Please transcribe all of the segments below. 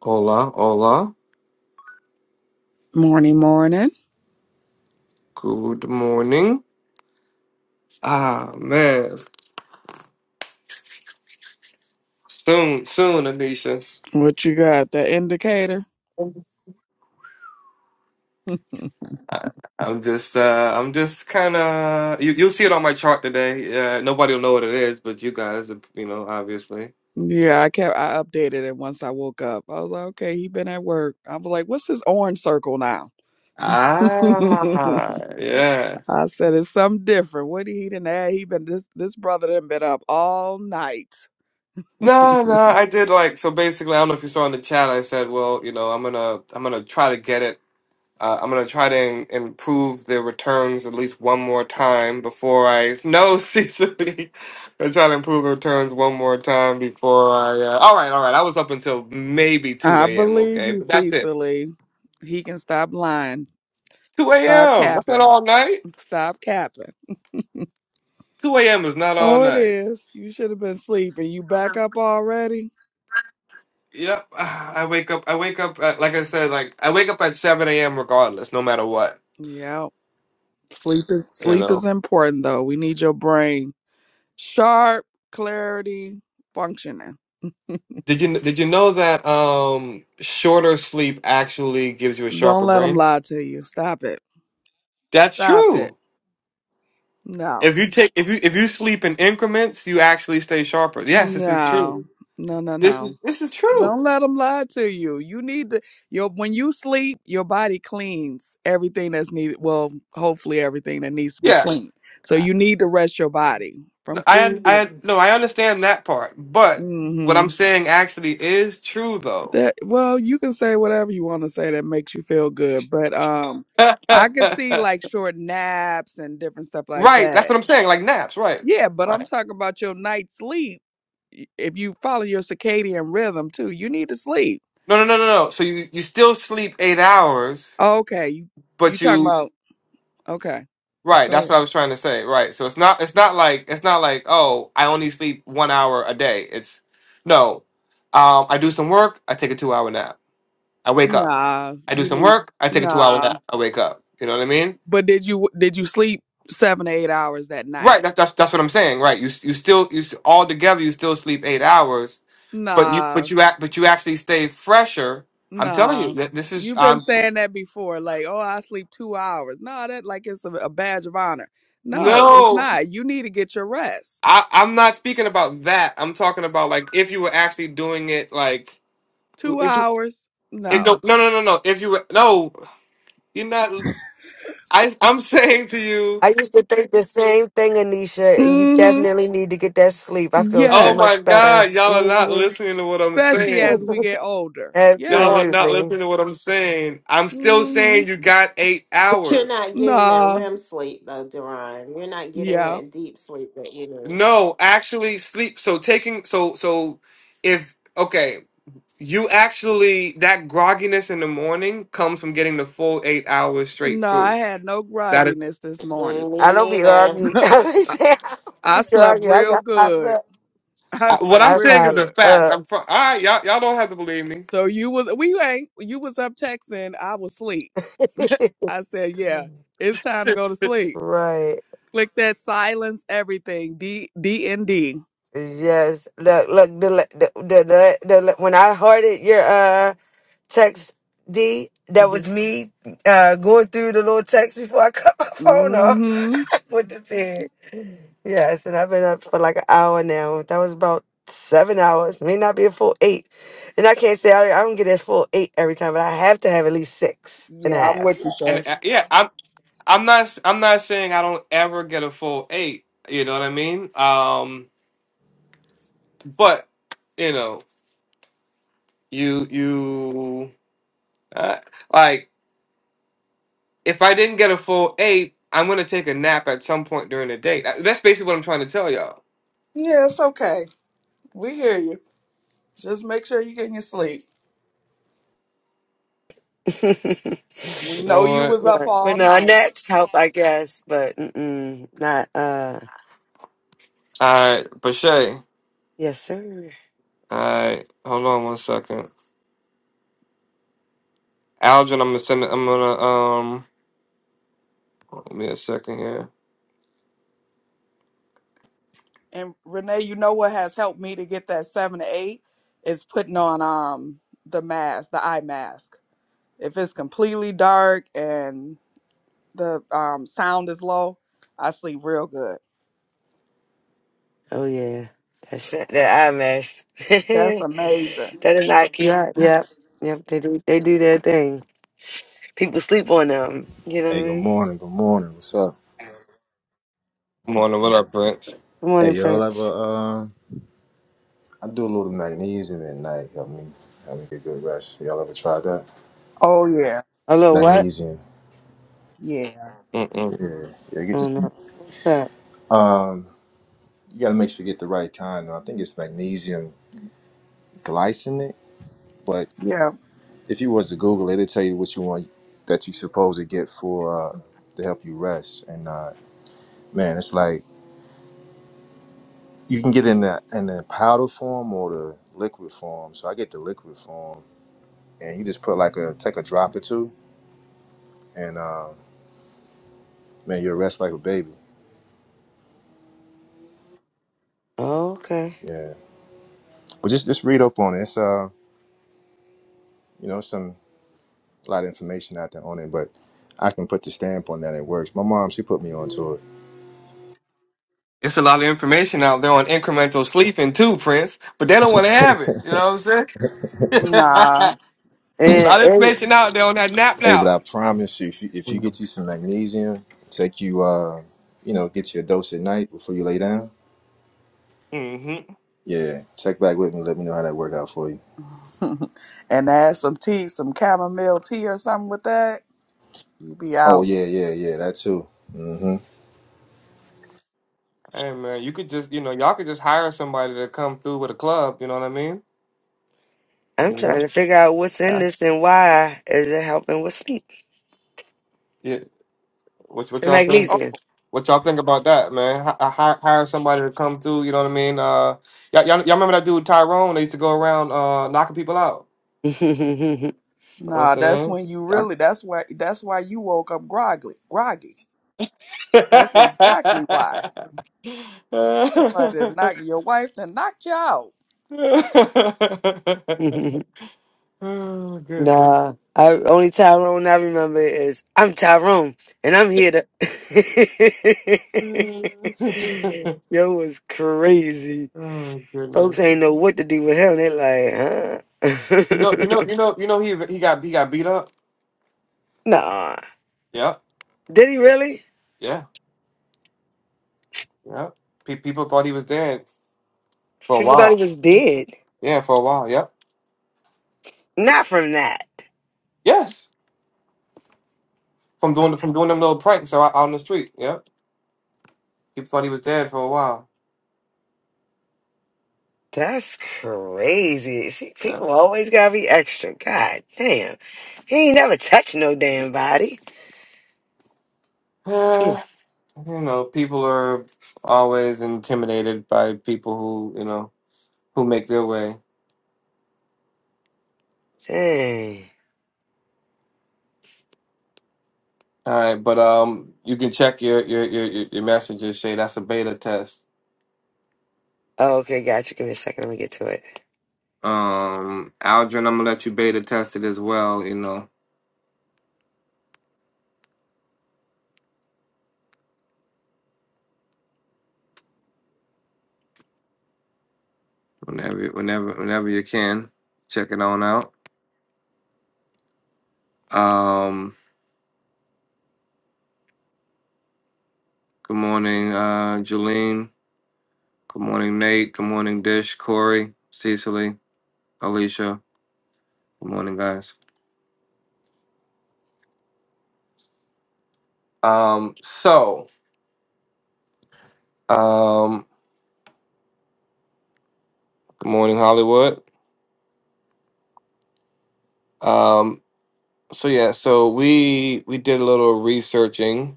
Hola, hola. Morning, morning. Good morning. Ah man. Soon, soon, Anisha. What you got? The indicator? I'm just uh I'm just kinda you you'll see it on my chart today. Uh nobody'll know what it is, but you guys you know, obviously. Yeah, I kept I updated it once I woke up. I was like, okay, he been at work. I was like, what's this orange circle now? I Ah yeah. said it's something different. What he didn't add? He been this this brother done been up all night. No, no, I did like so basically I don't know if you saw in the chat I said, well, you know, I'm gonna I'm gonna try to get it Uh, I'm gonna try to im- improve the returns at least one more time before I. No, Cecily, I'm trying to improve the returns one more time before I. Uh... All right, all right. I was up until maybe 2 I a.m. believe Okay, you, but that's it. Cecily. He can stop lying. 2 Stop a.m. That's not capping. all night. Stop capping. 2 a.m. is not all Oh, it night. is. You should have been sleeping. You back up already? Yep, ah, I wake up. I wake up. At, like I said, like I wake up at 7 a.m. regardless, no matter what. Yeah. Sleep is You sleep is know. important though. We need your brain sharp, clarity, functioning. Did you did you know that um shorter sleep actually gives you a Don't sharper let them brain? lie to you. Stop it. That's Stop true. it. No. If you take if you if you sleep in increments, you actually stay sharper. Yes, this is true. No. No, no, This is no. this is true. Don't let them lie to you. You need to your when you sleep, your body cleans everything that's needed. Well, hopefully everything that needs to be Yeah, cleaned. So I you need to rest your body from I food and no, I understand that part, but mhm. what I'm saying actually is true though. That well, you can say whatever you want to say that makes you feel good, but um, right, I can that's see like short naps and different stuff like what that. I'm saying. Like naps, right? Yeah, but I'm Right. talking about your night sleep. Y- If you follow your circadian rhythm too, you need to sleep. No, no, no, no, no. So you you still sleep eight hours, Okay, you you but talking you about? Okay, right. go That's ahead. what I was trying to say. Right. So it's not it's not like it's not like oh I only sleep one hour a day. It's no. Um, I do some work. I take a two hour nap. I wake up. Nah, I do you some need work. I take a two hour nah. nap. I wake up. You know what I mean? But did you did you sleep seven to eight hours that Right. night? That's that's that's what I'm saying. Right. You you still you s- all together you still sleep eight hours, but you Nah. but you act but you actually stay fresher. I'm telling you Nah, that this is you've been um saying that before. Like, oh, I sleep two hours. No, that like it's a, a badge of honor. No, it's no. not. You need to get your rest. I, I'm not speaking about that. I'm talking about like if you were actually doing it like Two if you hours? if, no No. no no no no if you were no you're not I I'm saying to you I used to think the same thing, Anisha, and you Mm-hmm. definitely need to get that sleep. I feel so oh Yes. much my better. god y'all are not hmm listening to what I'm Especially saying as we get older. Y'all Yes. are not Absolutely. listening to what I'm saying. I'm still Mm-hmm. saying you got eight You're hours. not getting that Nah. REM sleep, though, Duran. You're not getting Yeah. that deep sleep that you need. No, actually sleep. So taking so so if okay, you actually that grogginess in the morning comes from getting the full eight hours straight No, I through. had no That is grogginess this morning. Mm, Me I don't be neither. arguing. I don't I, say- I don't I be slept arguing. I real got popped good. up. I I, what slept I'm I real saying is popped a good. fact. up. I'm fr- all right. Y'all y'all don't have to believe me. So you was we ain't you was up texting. I was asleep. I said, yeah, it's time to go to sleep. right. Click that silence everything. D D and D. Yes. Look, look, the, the, the, the, the, when I heard it, your, uh, text D. That was Mhm. me uh, going through the little text before I cut my phone Mm-hmm. off with the period. Yes, and I've been up for like an hour now. That was about seven hours, may not be a full eight. And I can't say I, I don't get a full eight every time, but I have to have at least six and a Yeah, I'm with half. you, And sir. uh, yeah, I'm I'm not I'm not saying I don't ever get a full eight, you know what I mean? Um but you know, you you uh, like if I didn't get a full eight, I'm going to take a nap at some point during the day. That- That's basically what I'm trying to tell y'all. Yeah, it's okay. We hear you. Just make sure you get your sleep. right. We You know know you what? was up But all no, night. next help, I guess, but mm-mm, not, uh, All right, Bashay. yes, sir. All right, hold on one second. Algin, I'm gonna send. I'm gonna um. Give me a second here. And Renee, you know what has helped me to get that seven to eight is putting on um the mask, the eye mask. If it's completely dark and the um, sound is low, I sleep real good. Oh yeah, that's that eye mask. That's that amazing. is knock you out. Yep, yep. They do. They do their thing. People sleep on them. You know what I Hey, good mean? morning. Good morning. What's up? Morning, what up, Prince? Good Hey, morning, y'all ever? Prince. Uh, I do a little magnesium at night. Help me, help me get good rest. Y'all ever tried that? Oh yeah, Hello, what? Magnesium. yeah, Yeah, yeah. Get Oh just no, what's that? um, you gotta make sure you get the right kind. I think it's magnesium glycinate, but yeah. if you was to Google it, it'll tell you what you want that you supposed to get for uh, to help you rest. And uh, man, it's like you can get in the in the powder form or the liquid form. So I get the liquid form, and you just put like a take a drop or two and uh, man, you'll rest like a baby. Oh, okay. Yeah, but just just read up on it. It's uh, you know, some a lot of information out there on it, but I can put the stamp on that. It works. My mom, she put me onto it. It's a lot of information out there on incremental sleeping too, Prince, but they don't want to have it. You know what I'm saying? Nah, a lot of And, information out there on that nap Hey, but now. I promise you, if you, if you and- get you some magnesium, take you uh, you know, get you a dose at night before you lay down. hmm Yeah, check back with me. Let me know how that worked out for you. and add some tea, some chamomile tea or something with that. You be Oh out. yeah, yeah, yeah, that too. Mhm. Hey man, you could just you know y'all could just hire somebody to come through with a club. You know what I mean? I'm You know? trying to figure out what's in Yeah. this and why is it helping with sleep? yeah. What what The y'all think? Oh, about- magnesium. What y'all think about that, man? Hi- hi- hire somebody to come through. You know what I mean? Uh, y'all, y'all y'all remember that dude Tyrone? They used to go around uh knocking people out. You know what I'm nah, that's saying? when you really. That's why. That's why you woke up groggy. Groggy. That's exactly why. oh Somebody done knock your wife then knocked you out. goodness. Nah, I only Tyrone I remember is I'm Tyrone and I'm here to. Yo was crazy. oh Folks goodness. ain't know what to do with him. They like, You know, you huh? know, you know, you know. He he got he got beat up. nah. Yep. Did he really? Yeah. Yep. Pe- people thought he was dead for a People thought while. he was dead. Yeah, for a while. Yep. Not from that. Yes. From doing from doing them little pranks out, out on the street. Yep. People thought he was dead for a while. That's crazy. See, people Yep. always gotta be extra. God damn. He ain't never touched no damn body. Phew. Yeah. you know, people are always intimidated by people who you know who make their way. Dang. All right, but um, you can check your your your your your messages, Shay. That's a beta test. Oh, okay, gotcha. Give me a second. Let me get to it. Um, Aldrin, I'm gonna let you beta test it as well. You know, whenever whenever whenever you can, check it on out. Um, good morning, uh, Jolene. Good morning, Nate. Good morning, Dish, Corey, Cecily, Alicia. Good morning, guys. Um, so um, good morning, Hollywood. Um, so yeah, so we we did a little researching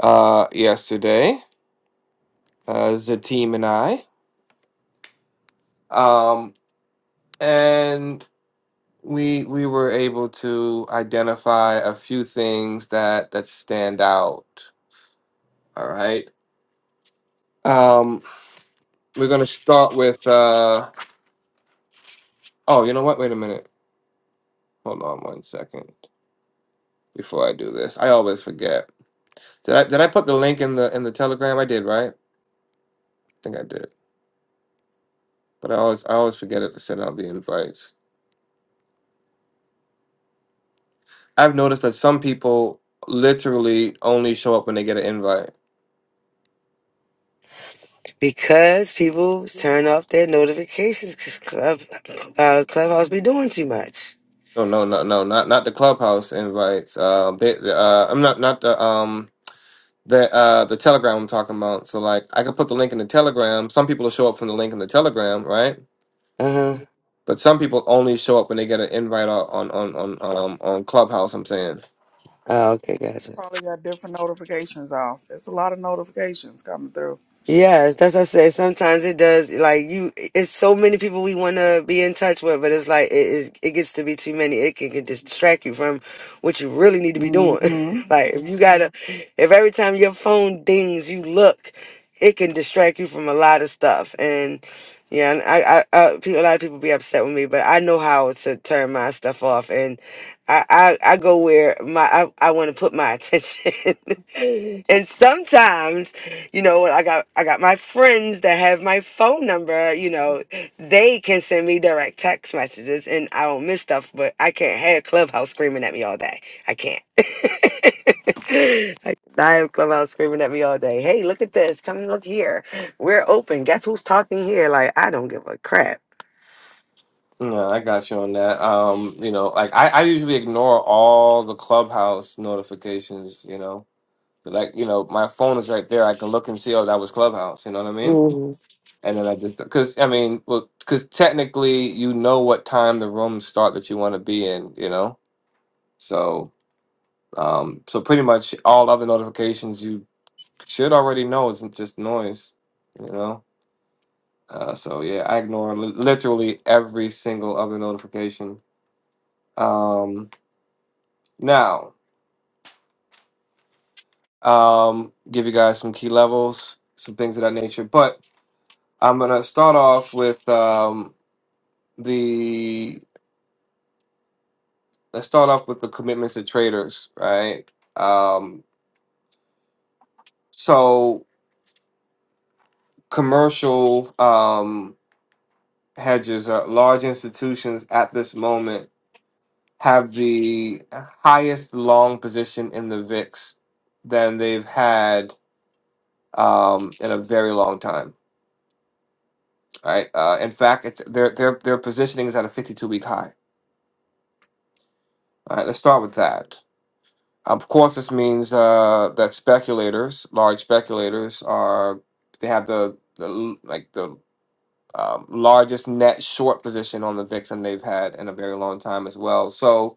uh, yesterday as a team and I, um, and we we were able to identify a few things that that stand out. All right, um, we're gonna start with. Uh, oh, you know what? Wait a minute. Hold on one second before I do this. I always forget. Did I did I put the link in the in the Telegram? I did, right? I think I did, but I always I always forget it to send out the invites. I've noticed that some people literally only show up when they get an invite. Because people turn off their notifications because Club, uh, Clubhouse be doing too much. No, no, no, no, not not the clubhouse invites. Uh, they, uh, I'm not not the um the uh the Telegram I'm talking about. So like, I could put the link in the Telegram. Some people will show up from the link in the Telegram, right? Uh huh. But some people only show up when they get an invite on on on on um, on Clubhouse. I'm saying. Oh, okay, gotcha. Probably got different notifications off. There's a lot of notifications coming through. Yes, that's what I say. Sometimes it does. Like you, it's so many people we want to be in touch with, but it's like it is. It gets to be too many. It can, can distract you from what you really need to be doing. Mm-hmm. like if you gotta, if every time your phone dings, you look, it can distract you from a lot of stuff. And yeah, and I, I, I people, a lot of people be upset with me, but I know how to turn my stuff off. And I, I, I go where my I, I want to put my attention. and sometimes, you know, I got I got my friends that have my phone number, you know, they can send me direct text messages and I don't miss stuff, but I can't have Clubhouse screaming at me all day. I can't. I I have Clubhouse screaming at me all day. Hey, look at this. Come look here. We're open. Guess who's talking here? Like, I don't give a crap. No, I got you on that. Um, you know, like I, I usually ignore all the clubhouse notifications, you know. Like, you know, my phone is right there. I can look and see, oh, that was Clubhouse, you know what I mean? Mhm. And then I just, because, I mean, well, because technically you know what time the rooms start that you want to be in, you know? so. Um, so pretty much all other notifications you should already know is just noise, you know. Uh, so yeah, I ignore li- literally every single other notification. Um, now, um, give you guys some key levels, some things of that nature. But I'm gonna start off with um, the let's start off with the commitments of traders, right? Um, so commercial um, hedges are large institutions at this moment have the highest long position in the VIX than they've had um, in a very long time. All right. Uh, in fact, it's their their their positioning is at a 52 week high. All right. Let's start with that. Of course, this means uh, that speculators, large speculators, are they have the, the l- like the um, largest net short position on the VIX than they've had in a very long time as well. So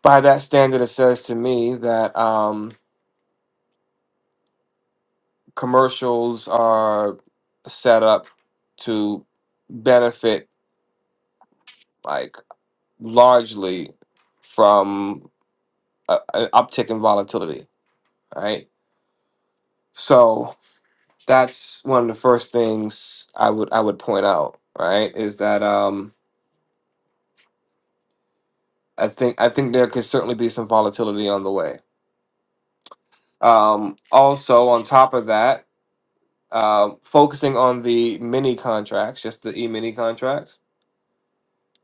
by that standard, it says to me that. Um, commercials are set up to benefit like largely from a, an uptick in volatility right so that's one of the first things i would i would point out right is that um i think i think there could certainly be some volatility on the way um also on top of that um focusing on the mini contracts just the e-mini contracts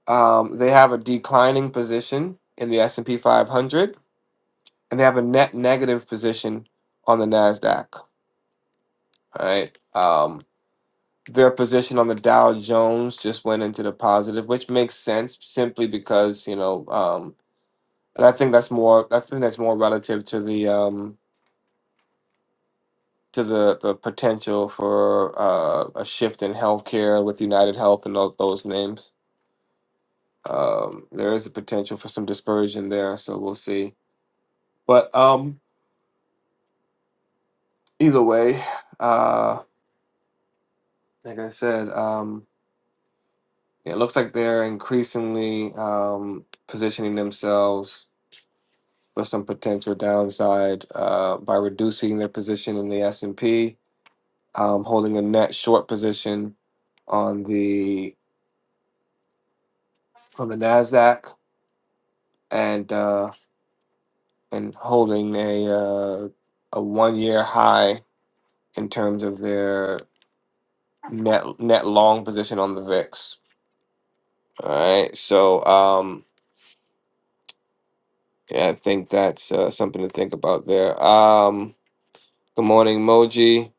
Um, they have a declining position in the S and P 500, and they have a net negative position on the Nasdaq. All right. Um, their position on the Dow Jones just went into the positive, which makes sense simply because you know, um, and I think that's more. I think that's more relative to the um, to the the potential for uh, a shift in healthcare with United Health and tho- those names. Um, there is a potential for some dispersion there, so we'll see. But um, either way, uh, like I said, um, it looks like they're increasingly um, positioning themselves for some potential downside uh, by reducing their position in the S and P, um, holding a net short position on the on the Nasdaq, and uh, and holding a uh, a one year high in terms of their net net long position on the VIX. All right, so. Um, Yeah, I think that's uh, something to think about there. Um, good morning, Moji.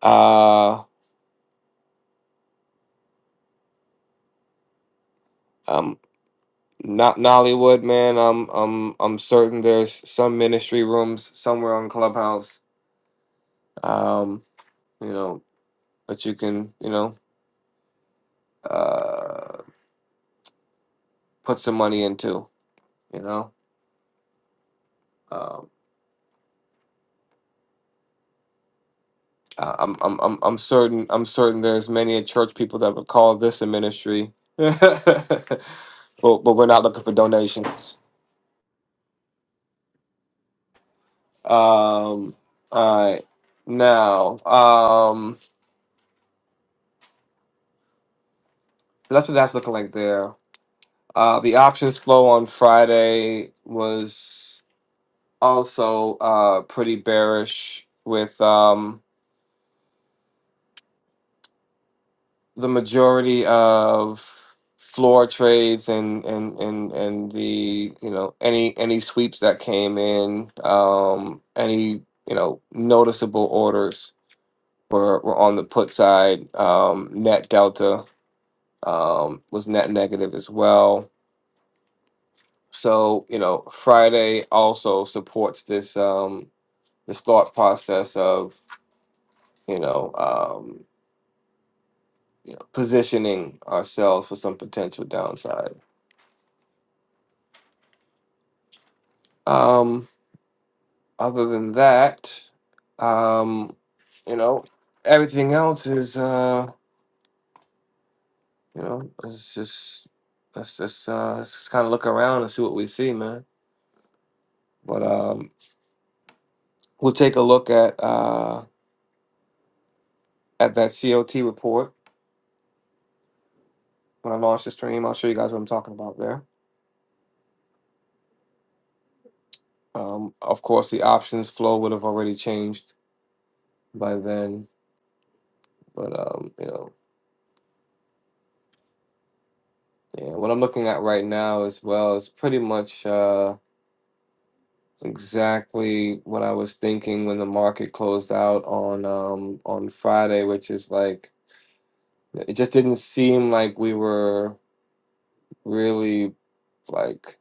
Uh, um, not Nollywood, man. I'm I'm I'm certain there's some ministry rooms somewhere on Clubhouse. Um, you know that you can you know uh put some money into. You know, um, I- I'm I'm I'm I'm certain I'm certain there's many a church people that would call this a ministry. But, but we're not looking for donations. Um, all right. Now, um, that's what that's looking like there. Uh, the options flow on Friday was also uh, pretty bearish with um, the majority of floor trades and, and and and the you know any any sweeps that came in um any you know noticeable orders were, were on the put side um net delta um, was net negative as well. So you know, Friday also supports this um, this thought process of you know, um, you know positioning ourselves for some potential downside. Um, other than that, um, you know, everything else is uh, you know, it's just let's just uh, let's just kind of look around and see what we see, man. But um, we'll take a look at uh, at that COT report When I launch the stream, I'll show you guys what I'm talking about there. Um, of course, the options flow would have already changed by then, but um, you know, yeah, what I'm looking at right now as well is pretty much uh, exactly what I was thinking when the market closed out on um, on Friday, which is like it just didn't seem like we were really like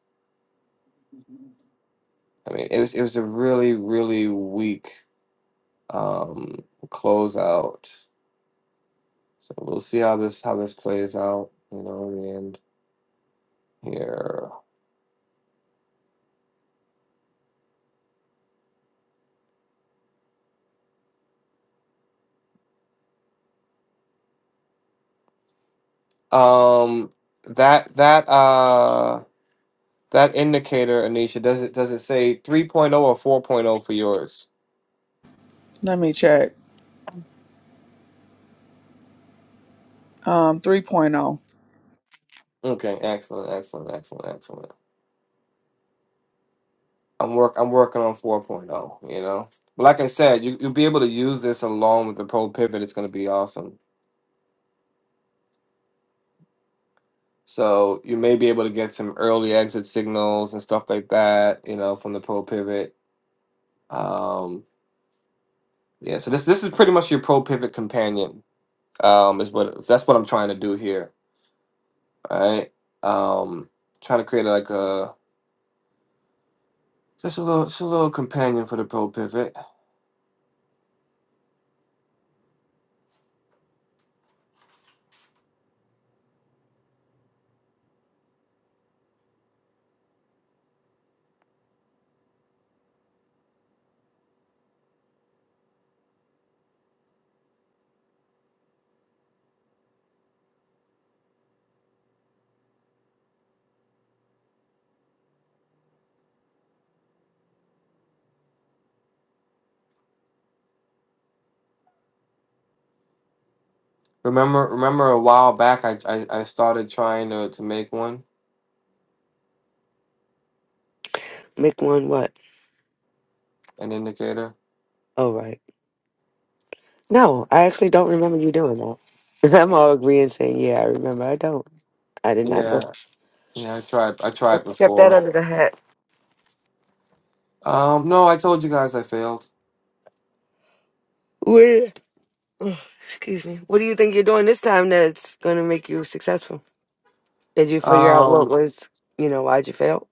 I mean, it was it was a really really weak um, closeout So we'll see how this how this plays out, you know, in the end here. Um that that uh that indicator, Anisha, does it does it say 3.0 or 4.0 for yours? Let me check. Um, 3.0. Okay, excellent, excellent, excellent, excellent. I'm work I'm working on 4.0, you know. But like I said, you you'll be able to use this along with the pro pivot, it's gonna be awesome. So you may be able to get some early exit signals and stuff like that, you know, from the pro pivot. Um Yeah, so this this is pretty much your pro pivot companion. Um, is what that's what I'm trying to do here. All right. Um, trying to create like a just a little just a little companion for the pro pivot. Remember remember a while back I, I, I started trying to, to make one Make one what? an indicator. All right. No, I actually don't remember you doing that. I'm all agreeing saying, yeah, I remember. I don't. I did not know. Yeah, yeah, I tried I tried Just kept that before. under the hat. Um, no, I told you guys I failed. Where? Ugh, Excuse me. What do you think you're doing this time that's going to make you successful? Did you figure out what Um, was, you know, why'd you fail?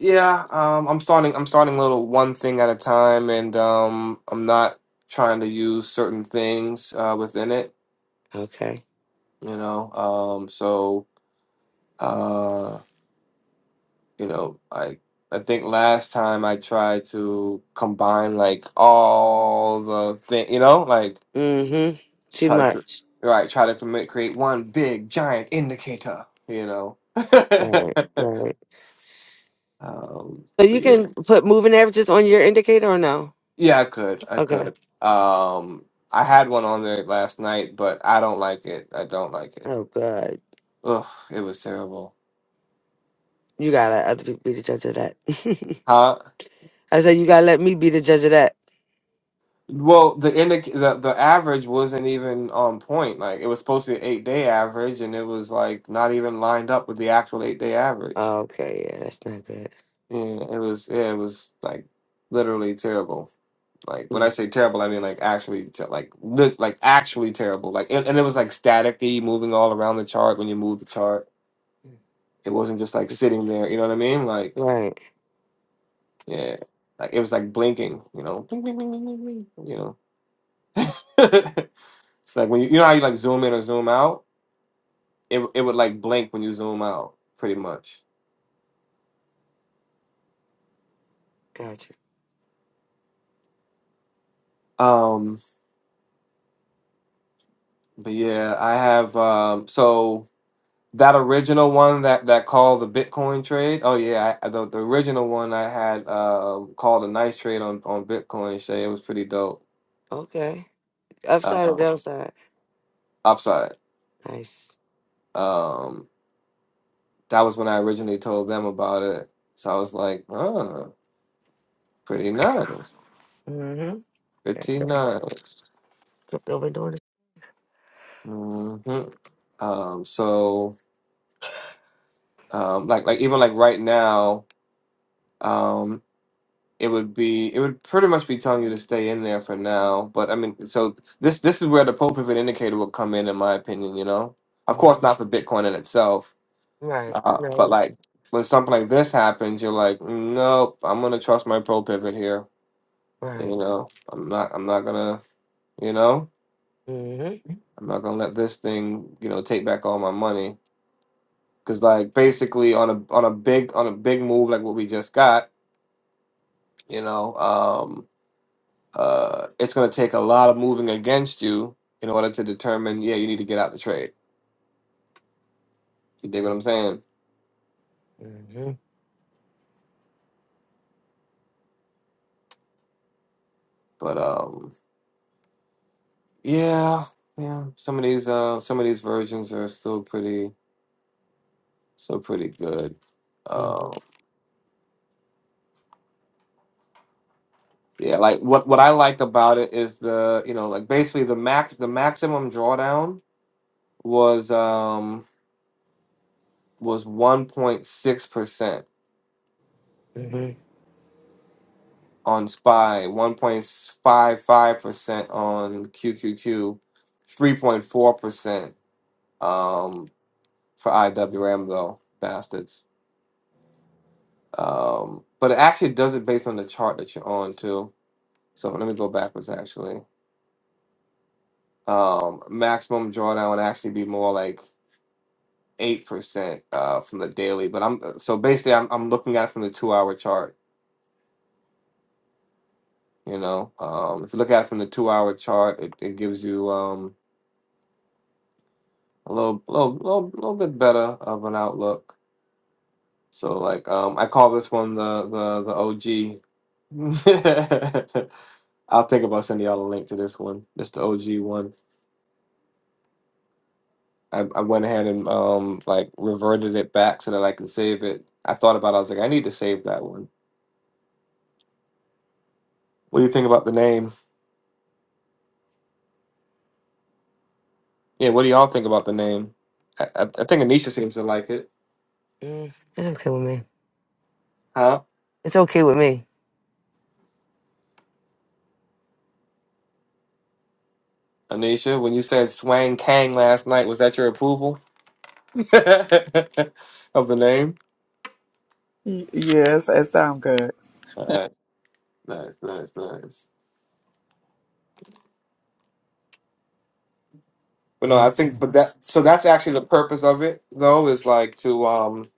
yeah, um, I'm starting I'm starting little one thing at a time, and um, I'm not trying to use certain things uh, within it. Okay. you know um so uh you know i i think last time i tried to combine like all the thing you know like Mm-hmm. Too try to cr- much. right try to commit create one big giant indicator you know Right, right. um So but you yeah can put moving averages on your indicator or no? yeah i could i Okay. could um i had one on there last night but i don't like it i don't like it Oh, God. Ugh, it was terrible You got to let other people be the judge of that. huh I said, you got to let me be the judge of that. Well, the indic the the average wasn't even on point. Like it was supposed to be an eight day average, and it was like not even lined up with the actual eight day average. Okay, yeah, that's not good. Yeah, it was. Yeah, it was like literally terrible. Like when I Mm. say terrible, I mean like actually te- like lit- like actually terrible. Like and, and it was like staticky, moving all around the chart when you move the chart. It wasn't just like sitting there. You know what I mean? Like Right. yeah, like it was like blinking. You know, bling bling bling bling bling. bling, You know, it's like when you you know how you like zoom in or zoom out it it would like blink when you zoom out, pretty much. Gotcha. Um, but yeah, I have um, so that original one that that called the Bitcoin trade. Oh yeah, I, the the original one I had um called a nice trade on on Bitcoin. Shay, it was pretty dope. Okay. Upside or Um, downside? upside. Nice. Um, that was when I originally told them about it. So I was like, oh, pretty nice, Mm-hmm. pretty nice. Flipped over doors. hmm Um, so um, like like even like right now. Um, it would be it would pretty much be telling you to stay in there for now. But I mean, so this this is where the Pope pivot indicator will come in, in my opinion. You know, of Mm-hmm. course not for Bitcoin in itself, Right. uh, Right. but Right. like when something like this happens, you're like, nope, I'm gonna trust my Pope pivot here. You Right. know, I'm not I'm not gonna you know Mm-hmm. I'm not gonna let this thing you know take back all my money because like basically on a on a big on a big move like what we just got, you know. Um, uh, it's going to take a lot of moving against you in order to determine, yeah, you need to get out the trade. You dig what I'm saying? Mm-hmm. But um, yeah, yeah, some of these uh, some of these versions are still pretty, still pretty good. Mm-hmm. Um, yeah, like what what I liked about it is the you know like basically the max the maximum drawdown was um was 1.6% Mm-hmm. on SPY, 1.55% on QQQ, 3.4% um, for IWM, though, bastards. Um, but it actually does it based on the chart that you're on, too. So let me go backwards, actually. Um, maximum drawdown would actually be more like 8% uh, from the daily. But I'm so basically, I'm, I'm looking at it from the two hour chart. You know, um, if you look at it from the two hour chart, it, it gives you. um a little, little, little, little bit better of an outlook. So like, um, I call this one the the the OG. I'll think about sending y'all a link to this one. This the OG one. I, I went ahead and um like reverted it back so that I could save it. I thought about it, I was like, I need to save that one. What do you think about the name? Yeah, what do y'all think about the name? I, I, I think Anisha seems to like it. mm It's okay with me. Huh? It's okay with me. Anisha, when you said Swang Kang last night, was that your approval of the name? Y- Yes, that sound good. Uh, Nice, nice, nice. But no, I think Mm-hmm. but that so that's actually the purpose of it though is like to um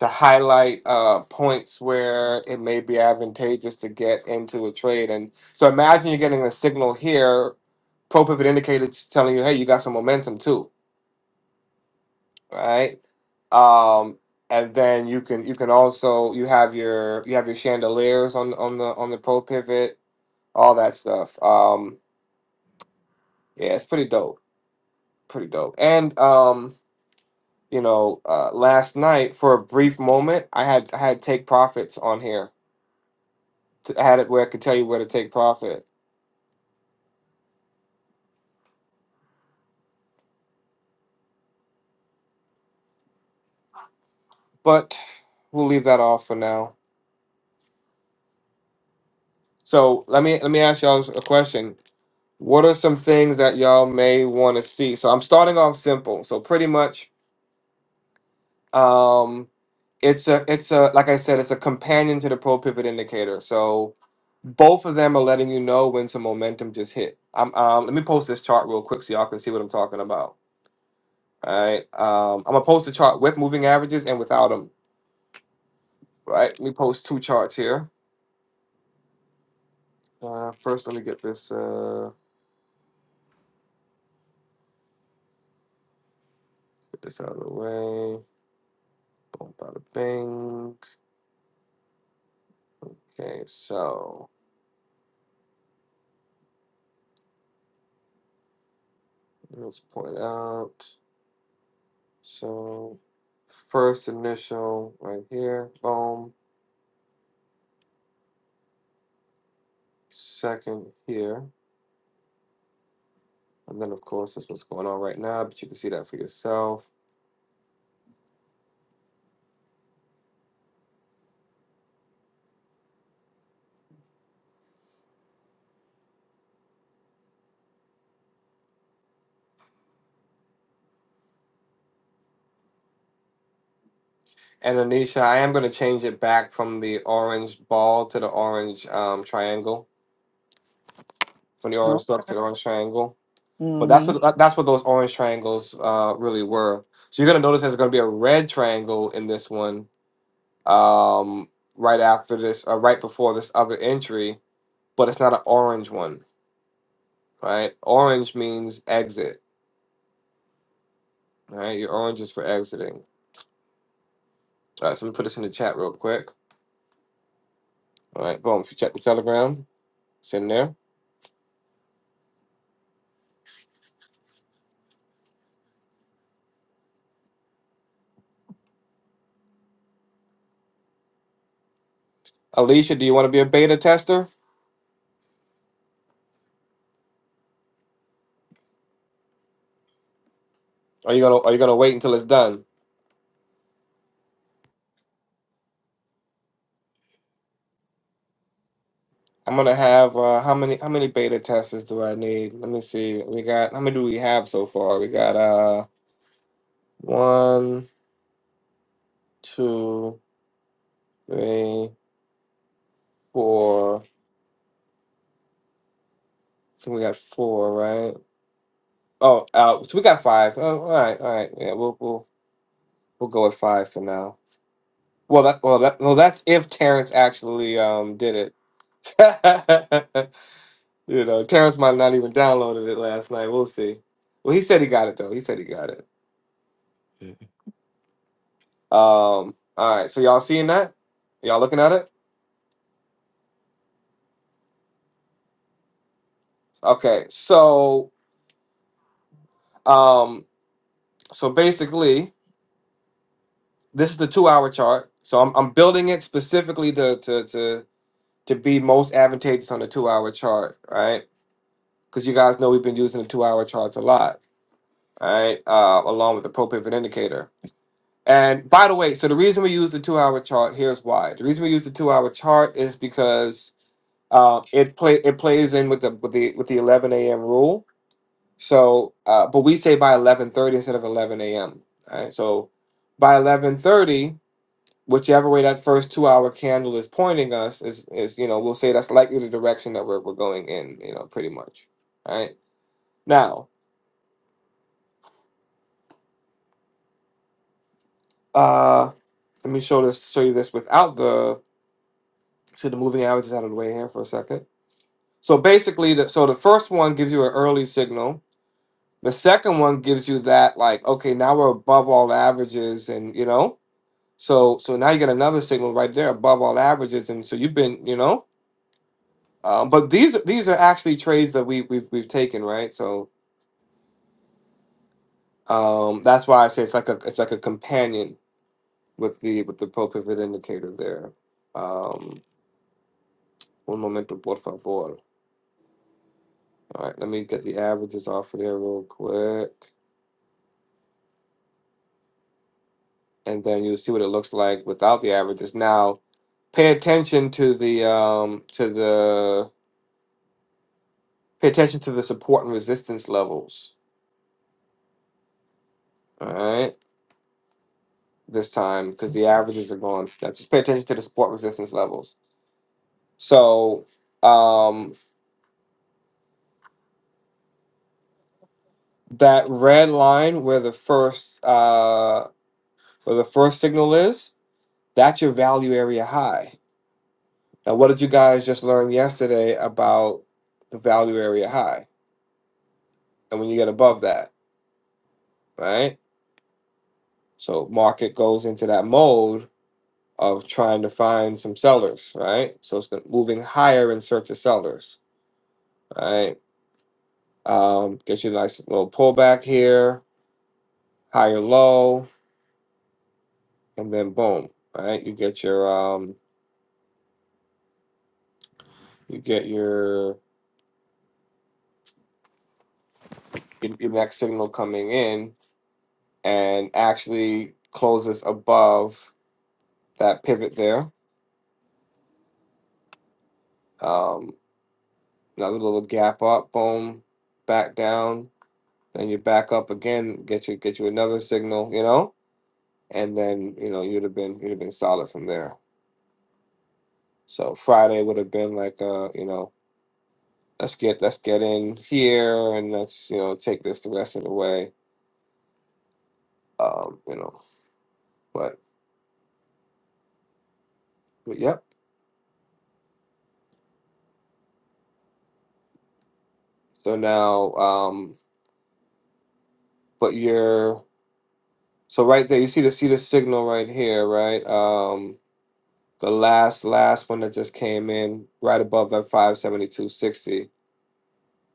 to highlight uh points where it may be advantageous to get into a trade and so imagine you're getting a signal here pro pivot indicators telling you hey you got some momentum too right um and then you can you can also you have your you have your chandeliers on on the on the pro pivot all that stuff um yeah it's pretty dope pretty dope and um. you know, uh, last night for a brief moment, I had I had take profits on here. T- I had it where I could tell you where to take profit, but we'll leave that off for now. So let me let me ask y'all a question. What are some things that y'all may want to see? So I'm starting off simple. So pretty much, um, it's a it's a like I said, it's a companion to the pro pivot indicator. So both of them are letting you know when some momentum just hit. i um, let me post this chart real quick so y'all can see what I'm talking about. All right. Um, I'm gonna post a chart with moving averages and without them. Right. Let me post two charts here. Uh, first, let me get this uh get this out of the way. Boom, bada bing. Okay, so let's point out. So first initial right here. Boom. Second here. And then, of course, that's what's going on right now, but you can see that for yourself. And Anisha, I am going to change it back from the orange ball to the orange um, triangle. from the orange No? circle to the orange triangle. But that's what that- that's what those orange triangles uh, really were. So you're gonna notice there's gonna be a red triangle in this one um, right after this, uh, right before this other entry, but it's not an orange one, right? Orange means exit, right? Your orange is for exiting. All right, so let me put this in the chat real quick. All right, boom. If you check the Telegram, it's in there. Alicia, do you want to be a beta tester? are you gonna are you gonna wait until it's done? I'm gonna have uh, how many how many beta testers do I need? Let me see. We got how many do we have so far? We got uh one, two, three, four. I think we got four, right? Oh, uh, so we got five. Oh, all right, all right. Yeah, we'll we'll we'll go with five for now. Well, that well that well that's if Terrence actually um did it. you know, Terrence might not even downloaded it last night. We'll see. Well, he said he got it though. He said he got it. Mm-hmm. Um, all right, so y'all seeing that? Y'all looking at it? Okay, so um, so basically, this is the two-hour chart. So I'm I'm building it specifically to to to to be most advantageous on the two-hour chart, right? Because you guys know we've been using the two-hour charts a lot, right? Uh, along with the pro-pivot indicator. And by the way, so the reason we use the two-hour chart here's why. The reason we use the two-hour chart is because uh, it play it plays in with the with the with the 11 a.m. rule So, uh, but we say by eleven thirty instead of eleven a.m. All right. So, by eleven thirty, whichever way that first two-hour candle is pointing us is is you know we'll say that's likely the direction that we're we're going in. You know, pretty much. All right. Now, uh, let me show this show you this without the so the moving averages out of the way here for a second. So basically, the, so the first one gives you an early signal. The second one gives you that like okay now we're above all averages and you know So so now you get another signal right there above all averages, and so you've been you know. Um, but these these are actually trades that we we've we've taken right. So um, that's why I say it's like a it's like a companion with the with the pro pivot indicator there. Um, un momento por favor. All right, let me get the averages off of there real quick, and then you'll see what it looks like without the averages. Now, pay attention to the um to the pay attention to the support and resistance levels. All right this time because the averages are going. Now just pay attention to the support resistance levels. So um, that red line where the first uh, where the first signal is, that's your value area high. Now, what did you guys just learn yesterday about the value area high? And when you get above that, right? So market goes into that mode of trying to find some sellers, right? So it's been moving higher in search of sellers, right? Um, get your nice little pullback here, higher low, and then boom. Right, you get your um, you get your your your next signal coming in and actually closes above that pivot there. Um, another little gap up, boom, back down. Then you back up again, get you get you another signal, you know, and then you know you'd have been you'd have been solid from there. So Friday would have been like uh, you know let's get let's get in here and let's you know take this the rest of the way um you know but but yep so now um but you're so right there you see the see the signal right here right um the last last one that just came in right above that 57260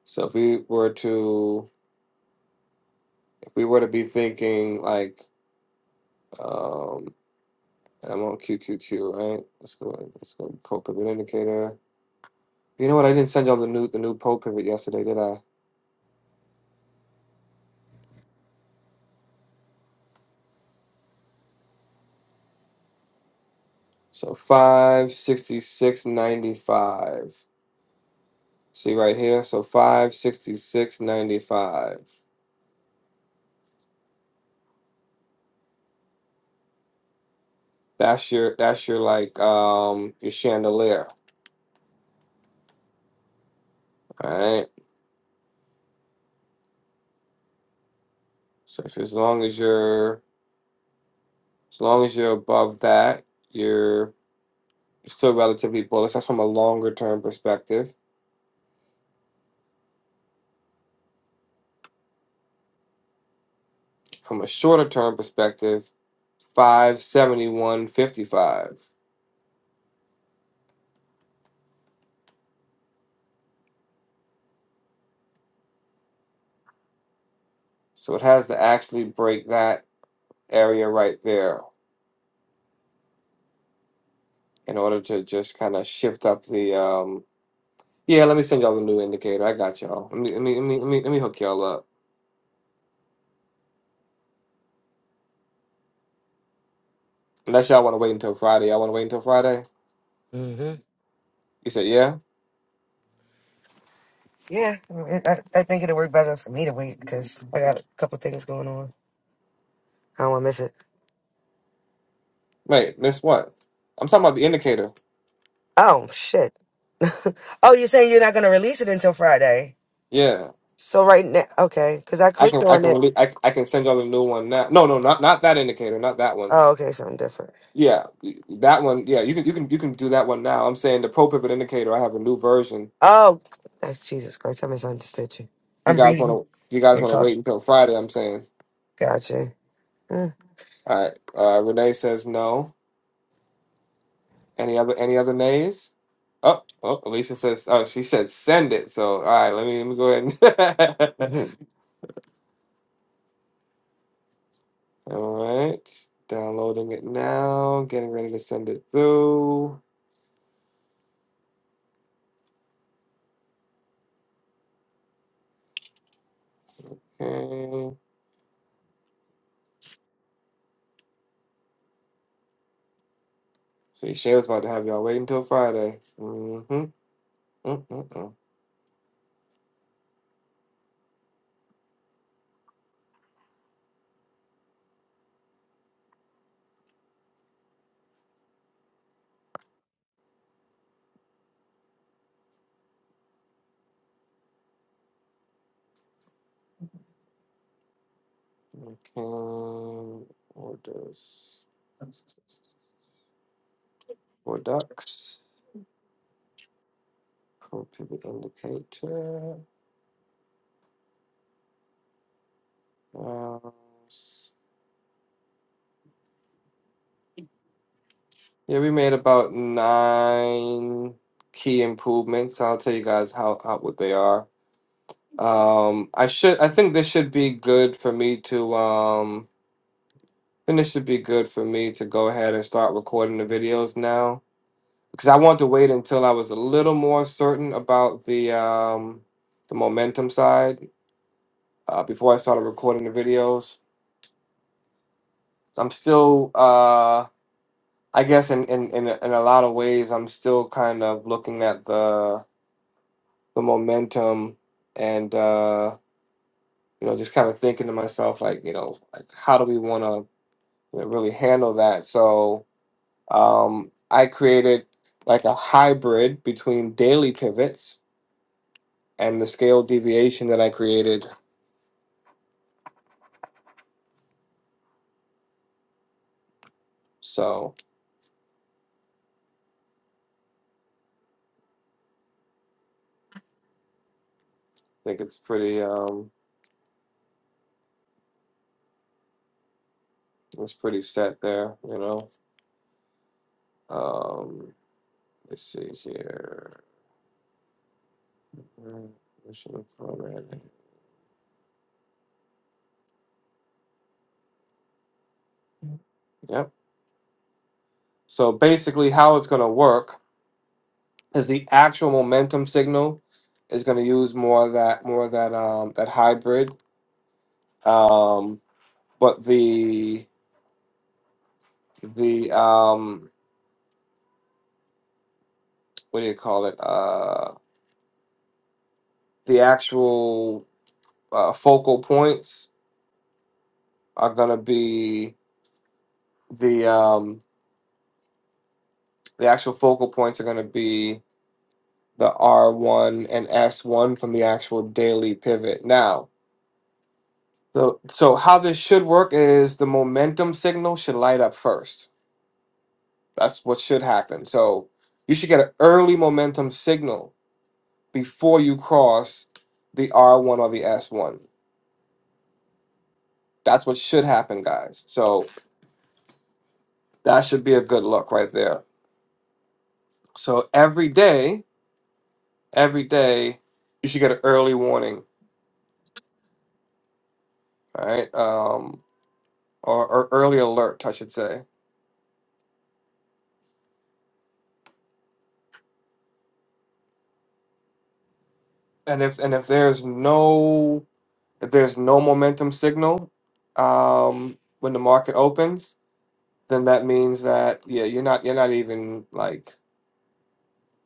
so if we were to if we were to be thinking like um I'm on QQQ, right? Let's go. Let's go. Pro pivot indicator. You know what? I didn't send y'all the new the new pro pivot yesterday, did I? So five sixty six ninety five. See right here. So five sixty six ninety five. That's your that's your like um your chandelier. All right. So if, as long as you're as long as you're above that, you're still relatively bullish. That's from a longer term perspective. From a shorter term perspective, five seventy one fifty five. So it has to actually break that area right there in order to just kind of shift up the um yeah let me send y'all the new indicator i got y'all let me let me let me let me, let me hook y'all up unless y'all want to wait until friday y'all want to wait until friday you said yeah Yeah. Mm-hmm. I, mean, I I think it'll work better for me to wait because I got a couple things going on. I don't want to miss it. wait this what i'm talking about the indicator Oh, shit. oh, you're saying you're not going to release it until Friday? yeah So right now, okay, because I i clicked can i on can it really I, I can send y'all the new one now no no not not that indicator not that one Oh, okay, something different. yeah that one yeah you can you can you can do that one now i'm saying the pro pivot indicator i have a new version Oh, that's Jesus Christ. I misunderstood you. you I'm guys want reading. to you guys want It's to all wait until friday i'm saying gotcha. Mm. all right uh renee says no Any other any other nays? Oh, oh, Alicia says, oh, she said send it. So, all right, let me let me go ahead. And Mhm. all right, downloading it now, getting ready to send it through. Okay. So Shay was about to have y'all wait until Friday. Mm-hmm. Mm-mm-mm. Okay. Orders for ducks. Code pivot indicator. Mouse. Yeah, we made about nine key improvements. I'll tell you guys how, how what they are. Um, I should I think this should be good for me to um I this should be good for me to go ahead and start recording the videos now because I want to wait until I was a little more certain about the um the momentum side uh, before I started recording the videos. I'm still uh I guess in in in, a- in a lot of ways I'm still kind of looking at the the momentum and uh you know just kind of thinking to myself like you know like how do we want to you know, really handle that so um i created like a hybrid between daily pivots and the scale deviation that i created so i think it's pretty um it's pretty set there you know um let's see here Mm, mission formatting. yep so basically how it's going to work is the actual momentum signal is going to use more of that more of that um that hybrid um but the the um what do you call it uh the actual uh, focal points are going to be the um the actual focal points are going to be the R1 and S1 from the actual daily pivot now the so how this should work is the momentum signal should light up first That's what should happen. So you should get an early momentum signal before you cross the R1 or the S1. That's what should happen, guys. So that should be a good look right there. So every day, every day, you should get an early warning, right? Um, or, or early alert, I should say. And if and if there's no if there's no momentum signal um, when the market opens, then that means that yeah, you're not you're not even like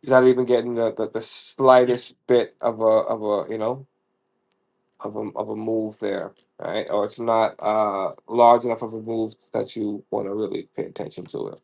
You're not even getting the, the, the slightest bit of a of a you know of a of a move there, right? Or it's not uh large enough of a move that you want to really pay attention to it.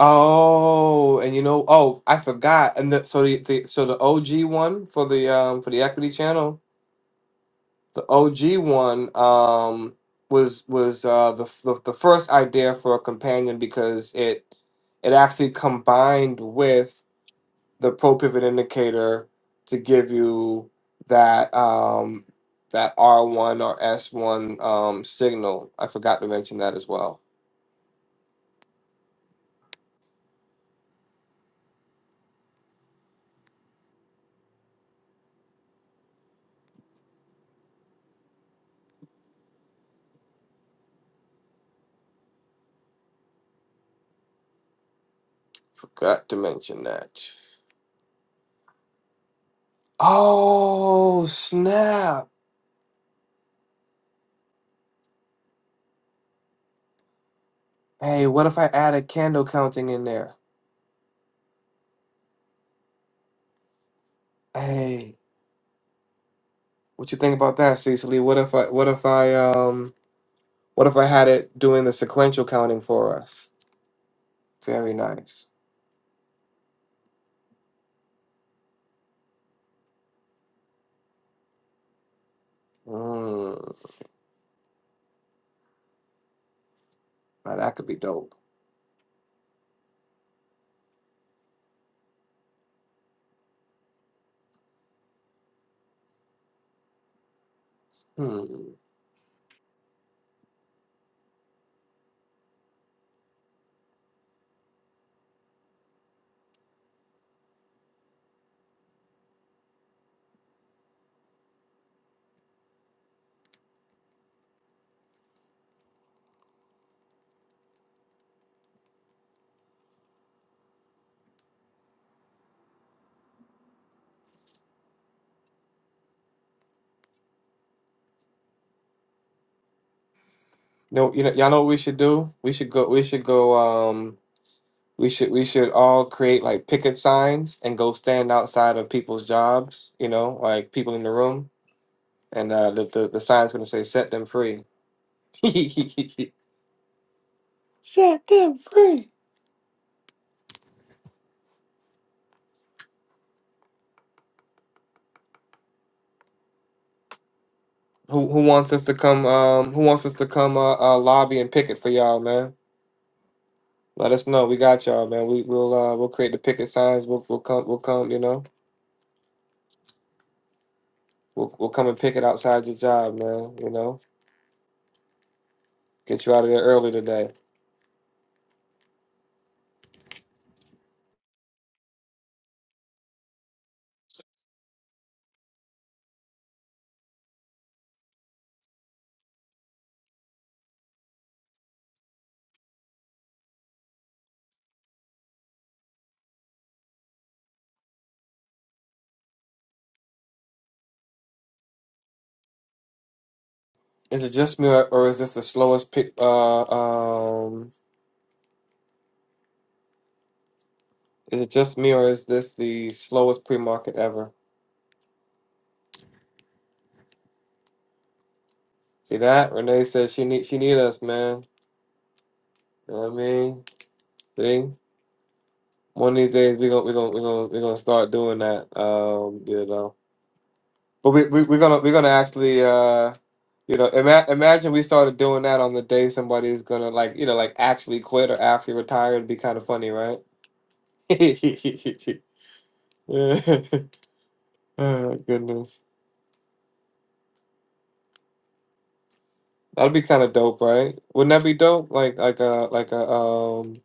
Oh, and you know, oh, I forgot. And the, so the, the so the OG one for the um for the equity channel, the OG one um was was uh the the, the first idea for a companion because it it actually combined with the pro pivot indicator to give you that um, that R one or S one um, signal. I forgot to mention that as well. Forgot to mention that. Oh snap! Hey, what if I add a candle counting in there? Hey, what you think about that, Cecily? What if I what if I um what if I had it doing the sequential counting for us? Very nice. Mm, now that could be dope. Hmm. No, you know, y'all know what we should do? We should go. We should go. Um, we should we should all create like picket signs and go stand outside of people's jobs. You know, like people in the room, and uh, the, the the sign's gonna say "Set them free." Set them free. Who who wants us to come? Um, who wants us to come? Uh, uh, lobby and picket for y'all, man. Let us know. We got y'all, man. We we'll uh we'll create the picket signs. We'll we'll come we'll come. You know, we'll we'll come and picket outside your job, man. You know, get you out of there early today. Is it just me, or, or is this the slowest pick? Uh, um, is it just me, or is this the slowest pre-market ever? See that? Renee said she need she need us, man. You know what I mean? See, one of these days we gonna we gonna we gonna we gonna start doing that. Um, you know, but we, we we gonna we're gonna actually uh. You know, ima- imagine we started doing that on the day somebody is gonna like, you know, like actually quit or actually retire. It'd be kind of funny, right? oh, goodness. That'd be kind of dope, right? Wouldn't that be dope? Like like a like a um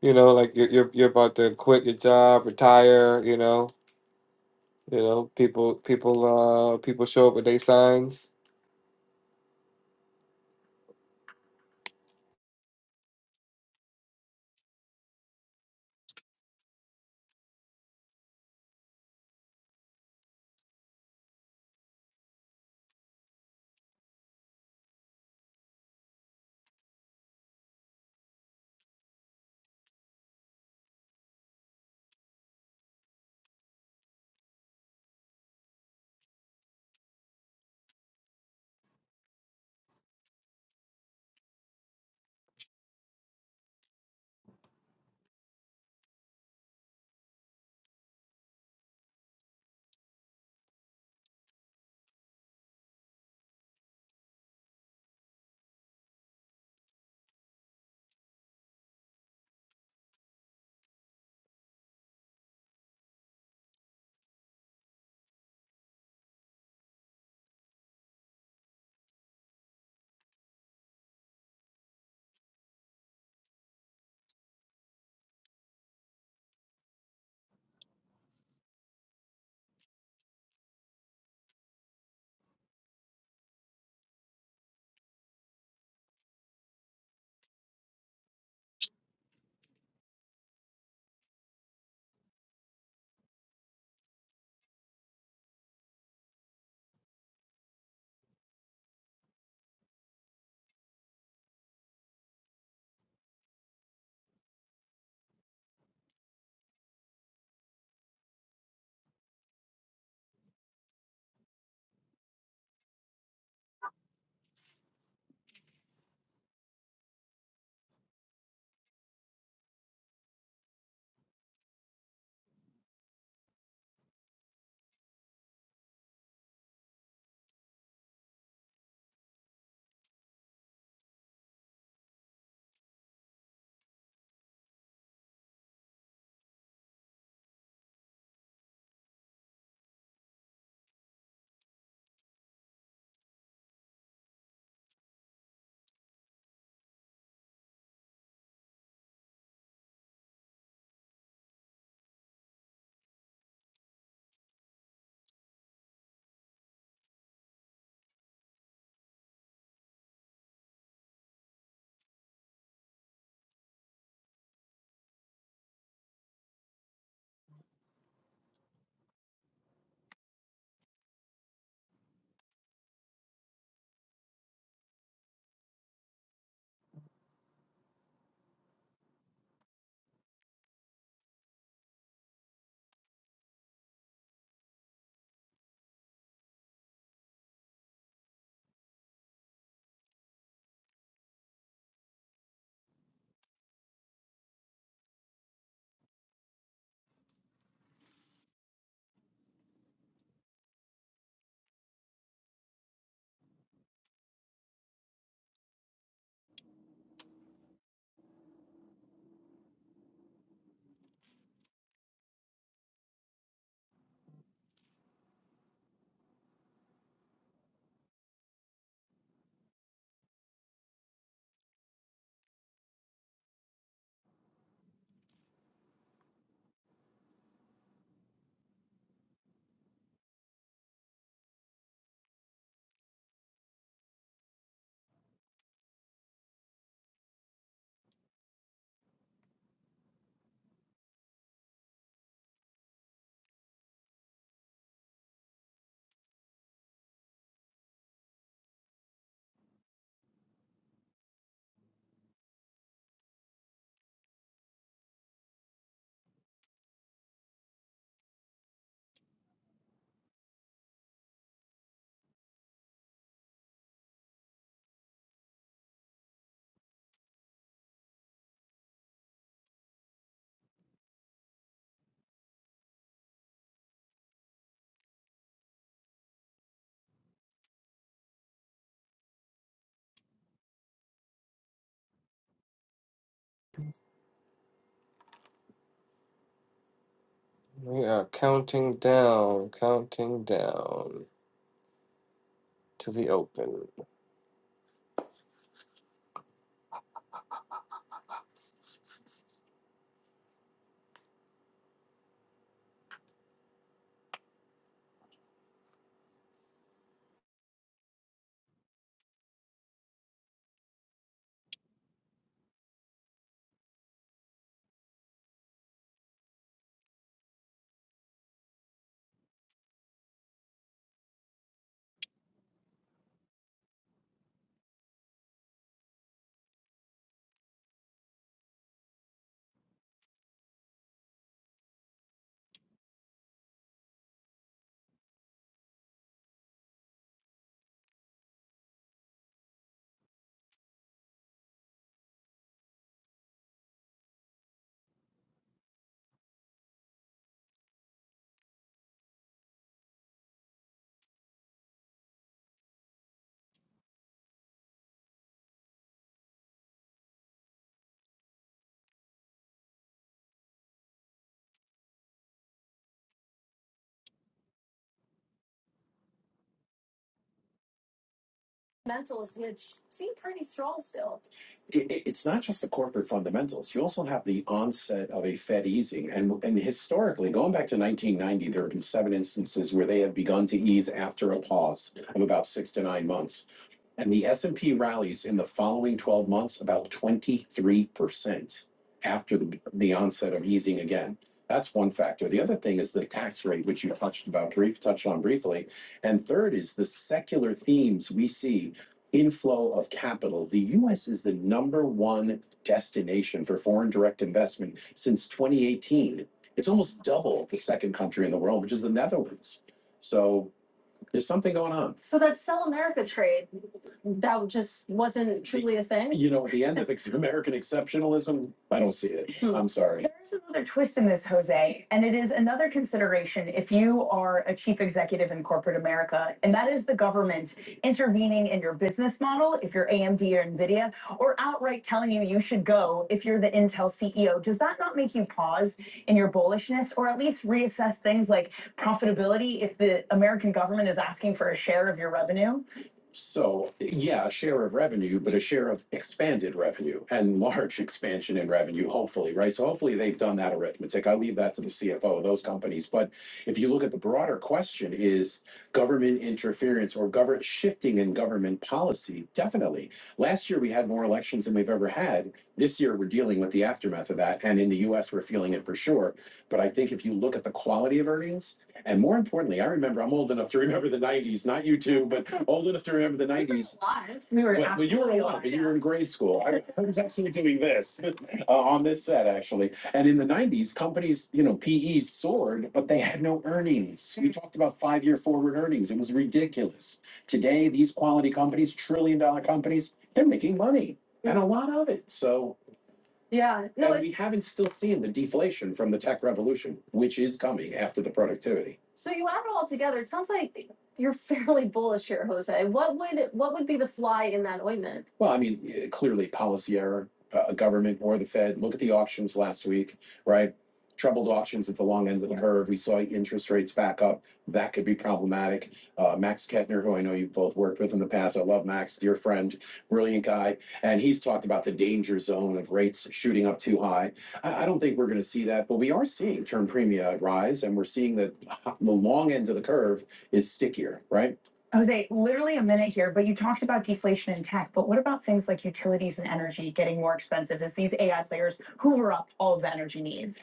you know like you're you're you're about to quit your job, retire. You know, you know people people uh people show up with their signs. We are counting down, counting down to the open. fundamentals, which seem pretty strong still. it, it's not just the corporate fundamentals. You also have the onset of a Fed easing, and and historically, going back to 1990, there have been seven instances where they have begun to ease after a pause of about six to nine months, and the S and P rallies in the following 12 months about 23 percent after the the onset of easing again. That's one factor. The other thing is the tax rate, which you touched about brief touched on briefly, and third is the secular themes we see inflow of capital, the U.S. is the number one destination for foreign direct investment since 2018. It's almost double the second country in the world, which is the Netherlands. So there's something going on. So that sell America trade, that just wasn't truly a thing. You know, at the end of American exceptionalism, I don't see it. I'm sorry. There is another twist in this, Jose, and it is another consideration if you are a chief executive in corporate America, and that is the government intervening in your business model, if you're AMD or NVIDIA, or outright telling you you should go if you're the Intel CEO. Does that not make you pause in your bullishness or at least reassess things like profitability if the American government is asking for a share of your revenue? So, yeah, a share of revenue, but a share of expanded revenue and large expansion in revenue, hopefully, right? So hopefully they've done that arithmetic. I leave that to the CFO of those companies. But if you look at the broader question is government interference or government shifting in government policy, definitely. Last year we had more elections than we've ever had. This year we're dealing with the aftermath of that. And in the US, we're feeling it for sure. But I think if you look at the quality of earnings, and more importantly, I remember, I'm old enough to remember the nineties, not you two, but old enough to remember the nineties. Alive. We were. Well, well, you were absolutely alive, but you yeah. were in grade school. I I was actually doing this uh, on this set, actually. And in the 90s, companies, you know, PEs soared, but they had no earnings. We talked about five year forward earnings. It was ridiculous. Today, these quality companies, trillion dollar companies, they're making money and a lot of it. So yeah, no, And we it's, haven't still seen the deflation from the tech revolution, which is coming after the productivity. so you add it all together, it sounds like you're fairly bullish here, Jose. What would, what would be the fly in that ointment? Well, I mean, eh, clearly policy error, uh, government or the Fed. Look at the auctions last week, right? Troubled auctions at the long end of the curve. We saw interest rates back up. That could be problematic. Uh, Max Kettner, who I know you've both worked with in the past, I love Max, dear friend, brilliant guy. And he's talked about the danger zone of rates shooting up too high. I, I don't think we're going to see that, but we are seeing term premia rise, and we're seeing that the long end of the curve is stickier, right? Jose, literally a minute here, but you talked about deflation in tech, but what about things like utilities and energy getting more expensive as these AI players hoover up all of the energy needs?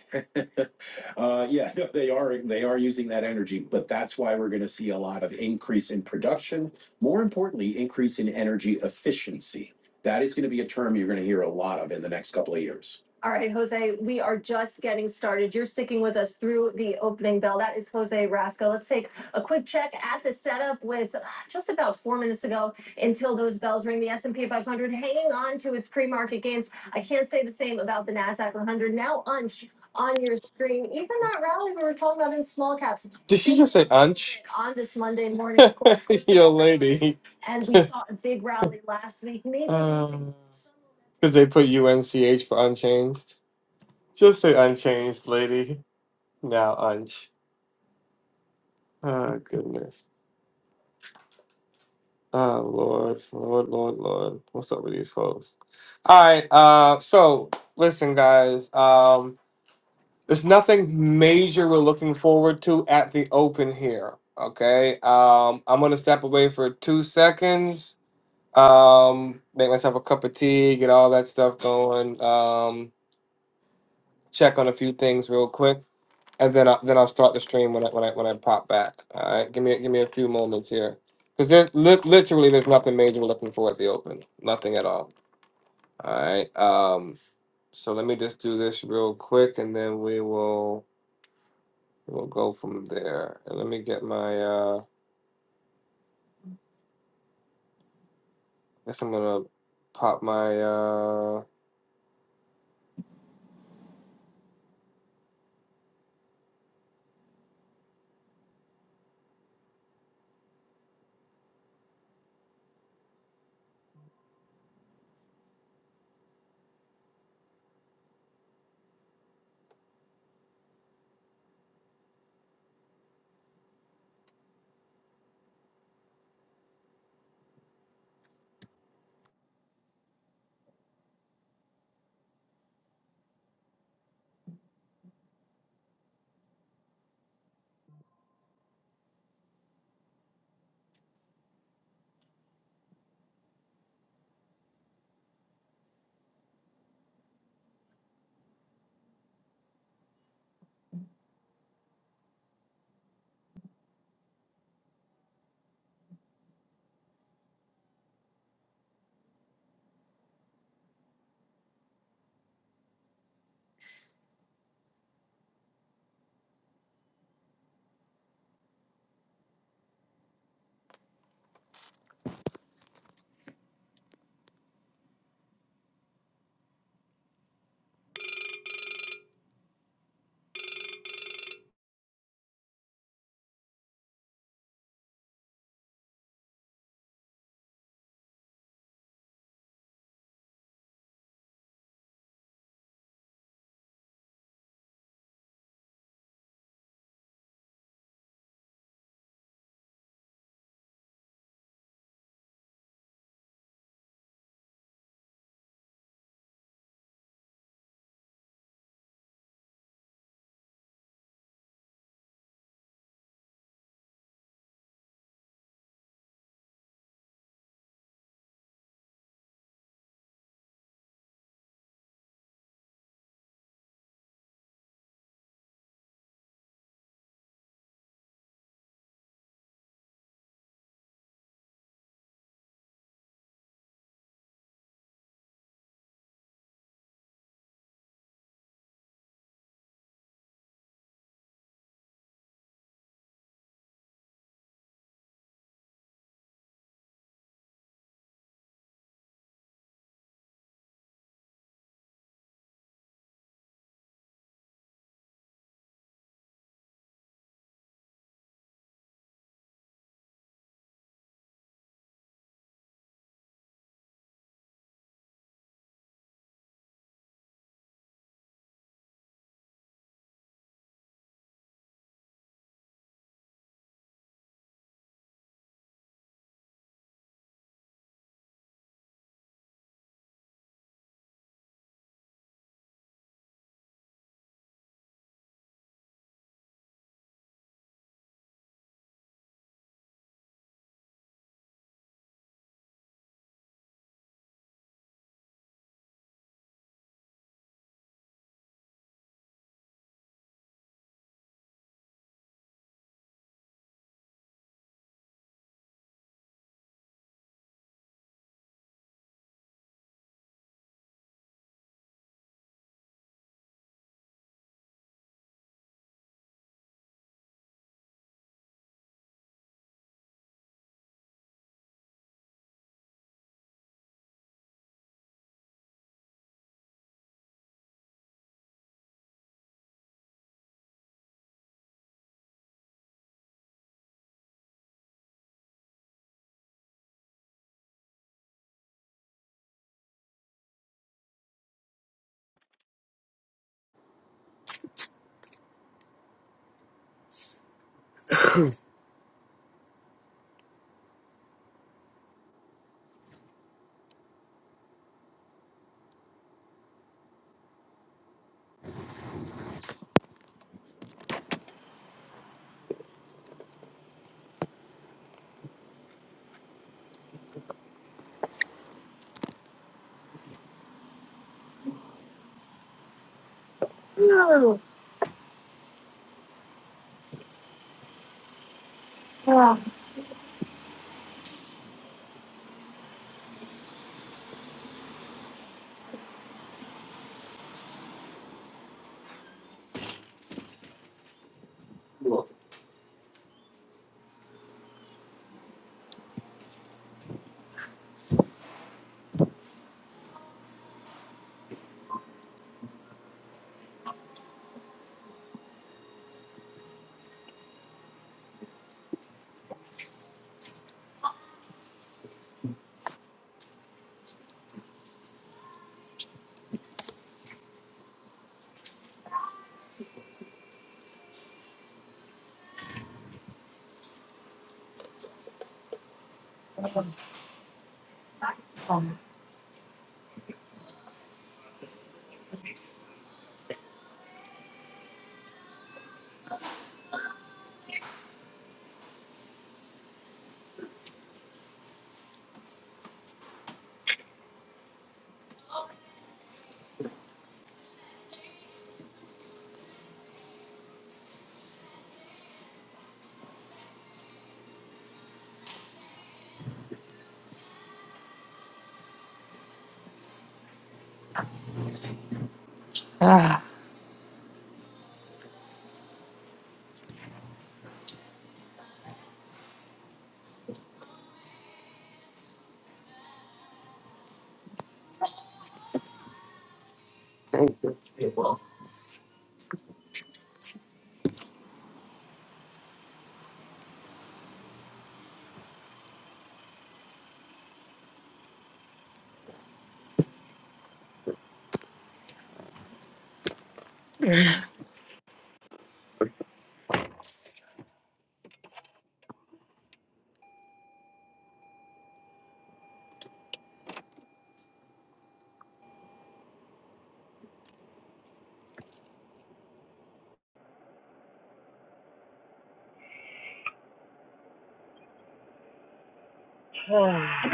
Uh, yeah, they are, they are using that energy, but that's why we're gonna see a lot of increase in production. More importantly, increase in energy efficiency. That is gonna be a term you're gonna hear a lot of in the next couple of years. All right, Jose, we are just getting started. You're sticking with us through the opening bell. That is Jose Rasco. Let's take a quick check at the setup with uh, just about four minutes ago until those bells ring. The S&P 500 hanging on to its pre-market gains. I can't say the same about the Nasdaq 100, now unch on your screen. Even that rally we were talking about in small caps. Did you just say unch? On this Monday morning, of course, Yo, lady. and we saw a big rally last week. Maybe Because they put UNCH for unchanged. Just say unchanged, lady. Now unch. Oh, goodness. Oh, Lord. Lord, Lord, Lord. What's up with these folks? All right. Uh, so, listen, guys. Um, There's nothing major we're looking forward to at the open here. Okay. Um, I'm gonna step away for two seconds. Um, make myself a cup of tea, get all that stuff going. Um, check on a few things real quick, and then I, then I'll start the stream when I when I when I pop back. All right. Give me give me a few moments here, because there's li- literally there's nothing major we're looking for at the open. Nothing at all. All right. Um, so let me just do this real quick, and then we will. We'll go from there. And let me get my uh I guess I'm gonna pop my uh Thank you.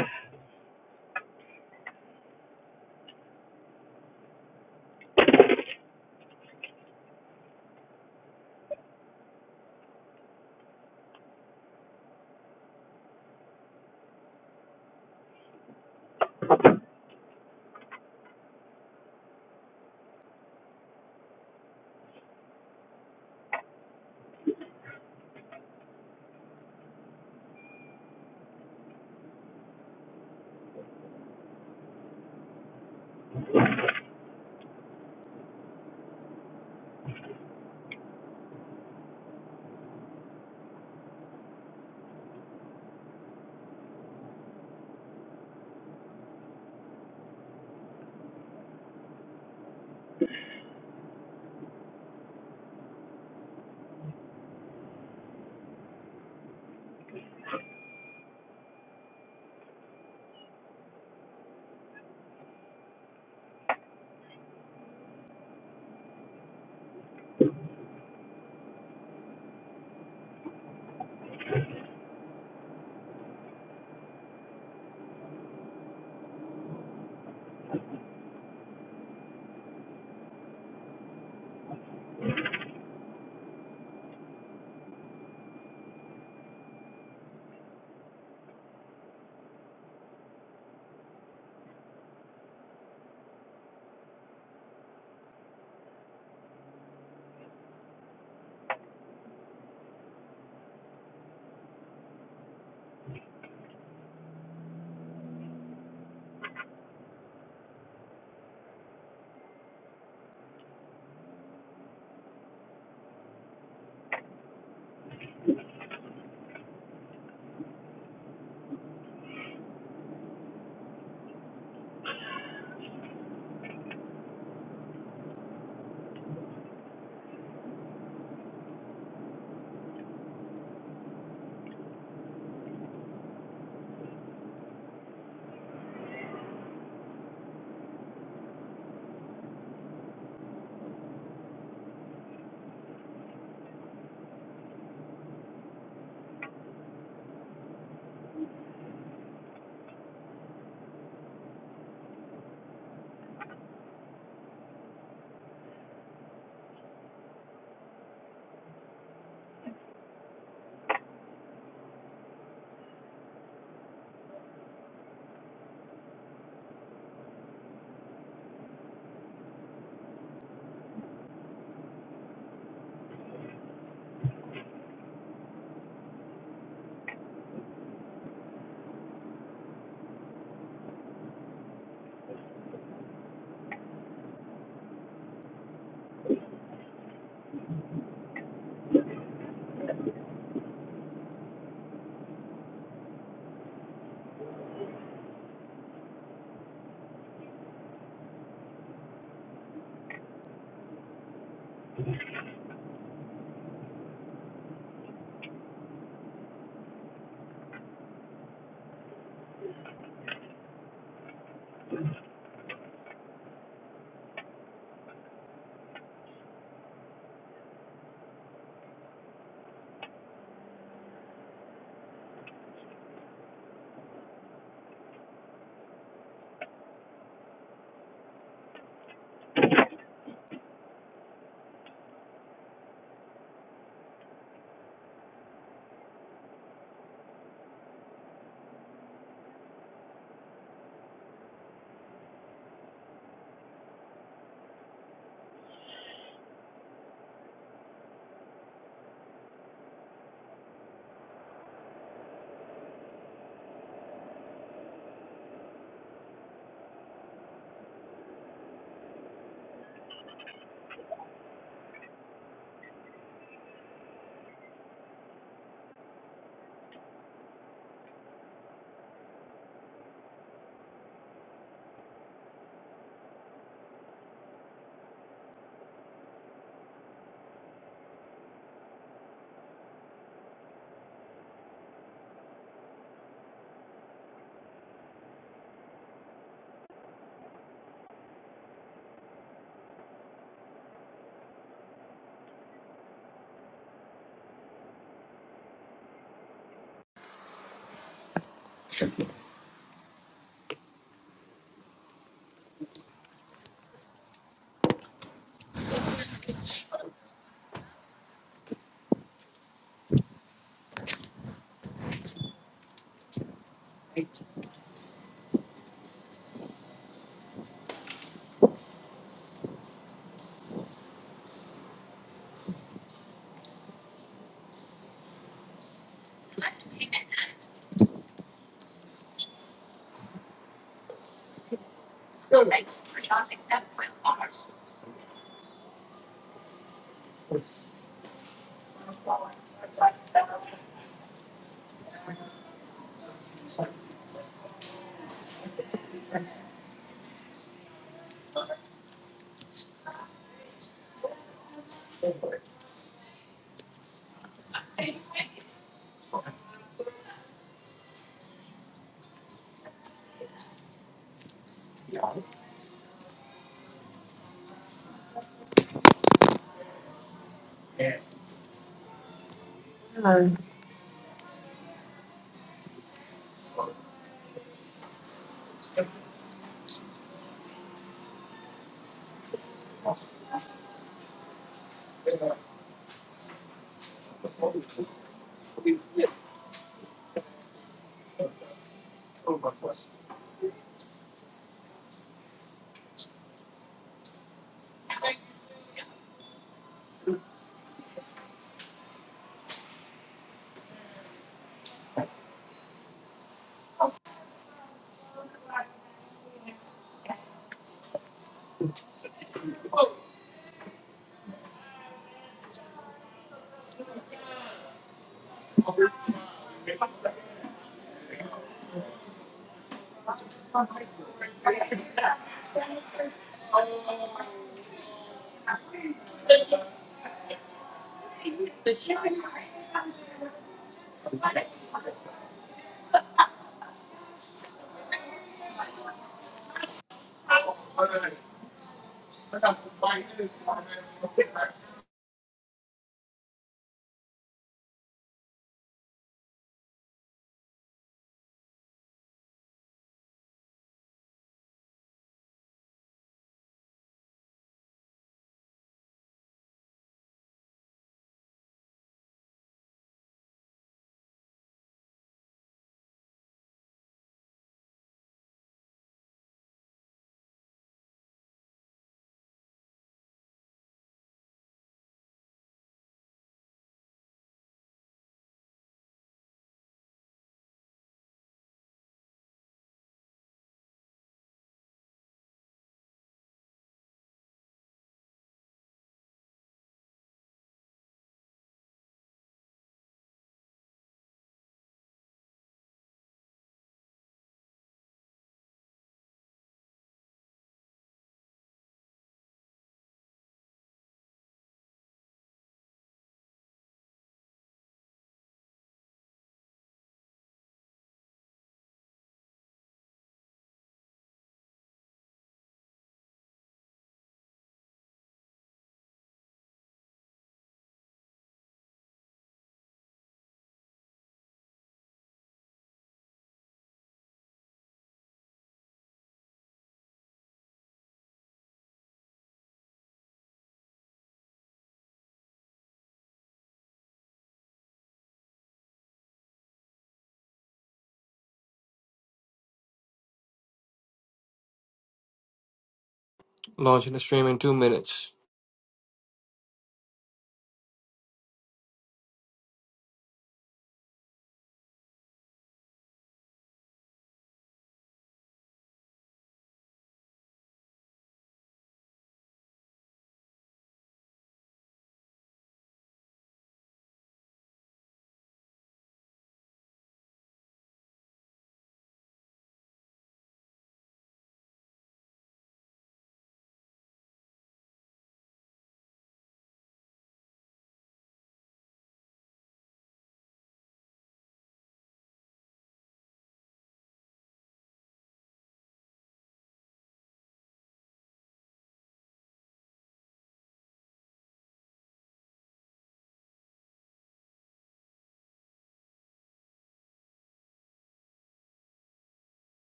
launching the stream in two minutes.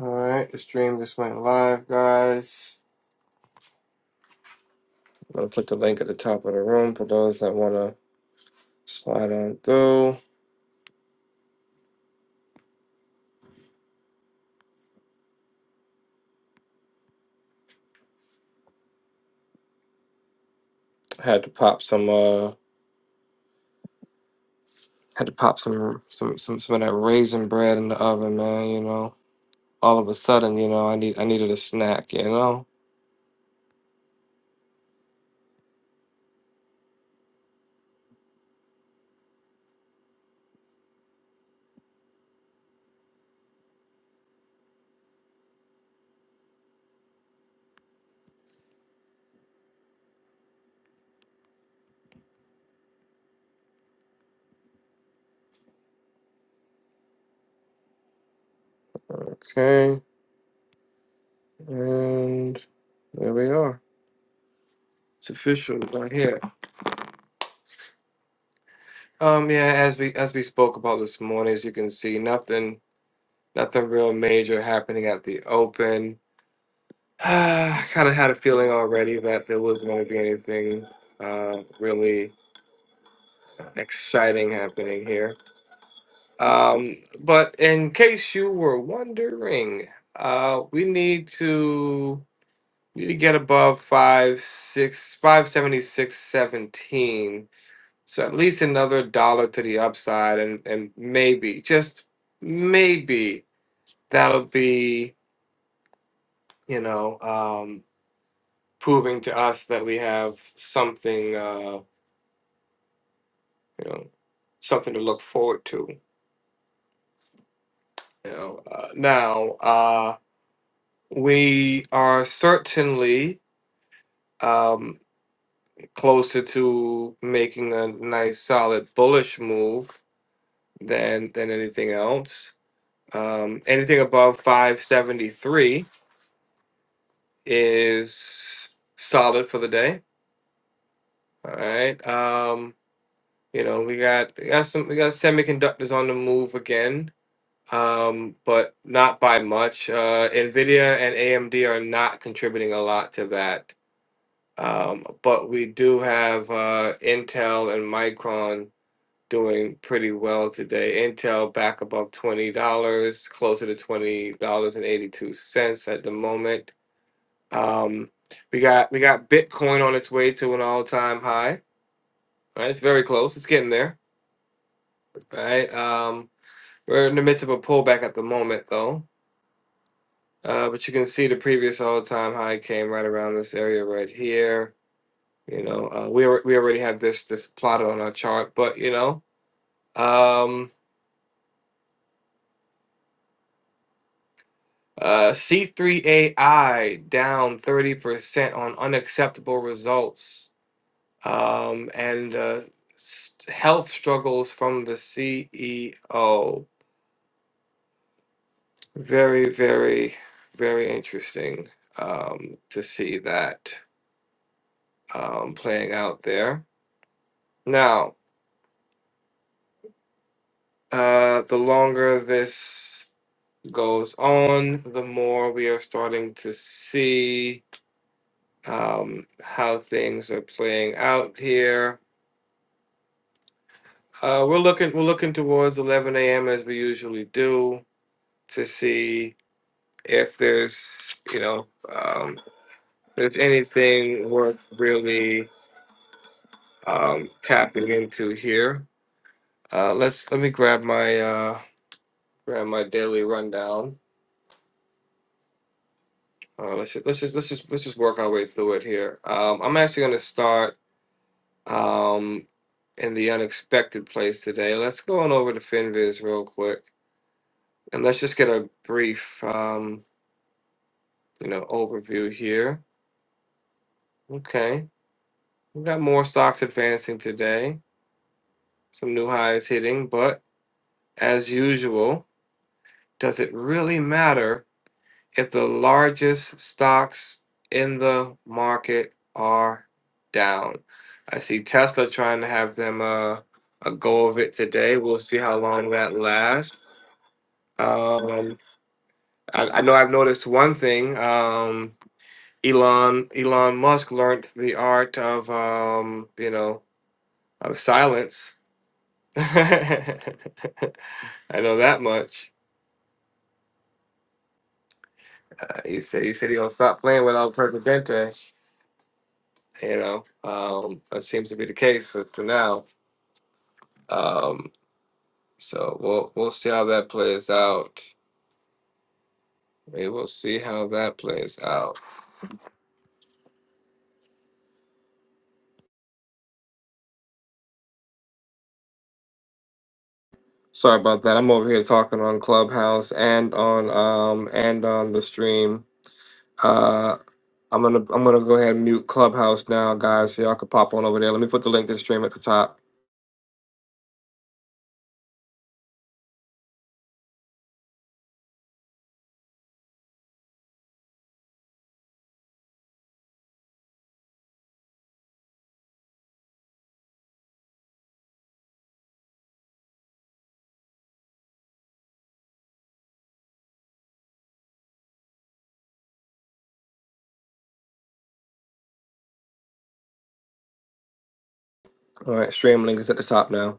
Alright, the stream just went live, guys. I'm gonna put the link at the top of the room for those that wanna slide on through. I Had to pop some uh had to pop some some some, some of that raisin bread in the oven, man, you know. All of a sudden, you know, I need I needed a snack, you know? Okay. And there we are. It's official right here. Um, yeah, as we as we spoke about this morning, as you can see, nothing nothing real major happening at the open. I kind of had a feeling already that there wasn't going to be anything uh, really exciting happening here. Um, but in case you were wondering, uh, we need to need to get above five six five seventy six seventeen So at least another dollar to the upside, and and maybe just maybe that'll be you know um, proving to us that we have something uh, you know something to look forward to. You know uh, now uh, we are certainly um, closer to making a nice solid bullish move than than anything else. Um, anything above five seventy three is solid for the day. All right. Um, you know, we got we got some we got semiconductors on the move again, um, but not by much. Uh, Nvidia and AMD are not contributing a lot to that. Um, but we do have uh, Intel and Micron doing pretty well today. Intel back above twenty dollars, closer to twenty dollars and eighty two cents at the moment. Um, we got we got Bitcoin on its way to an all time high. Right, it's very close. It's getting there. Right. Um, we're in the midst of a pullback at the moment, though. Uh, but you can see the previous all time high came right around this area right here. You know, uh, we alre- we already have this this plotted on our chart, but you know, um, uh, C three AI down thirty percent on unacceptable results um, and uh, s- health struggles from the CEO. Very, very, very interesting um, to see that um, playing out there. Now, uh, the longer this goes on, the more we are starting to see um, how things are playing out here. Uh, we're looking we're looking towards 11 a.m. as we usually do to see if there's you know um, if there's anything worth really um, tapping into here. Uh, let's let me grab my uh, grab my daily rundown. Uh, let's just, let's just let's just let's just work our way through it here. Um, I'm actually going to start um, in the unexpected place today. Let's go on over to Finviz real quick and let's just get a brief um, you know overview here. Okay, we got more stocks advancing today. some new highs hitting, but as usual, does it really matter if the largest stocks in the market are down? I see Tesla trying to have them uh, a go of it today. We'll see how long that lasts. Um, I, I know I've noticed one thing. Um, Elon Elon Musk learned the art of um, you know of silence. I know that much. He said he said he gonna stop playing without Presidente. You know, um, that seems to be the case for, for now. Um, so we'll we'll see how that plays out. We will see how that plays out. Sorry about that. I'm over here talking on Clubhouse and on um and on the stream. Uh, I'm gonna I'm gonna go ahead and mute Clubhouse now, guys. So y'all can pop on over there. Let me put the link to the stream at the top. All right, stream link is at the top now.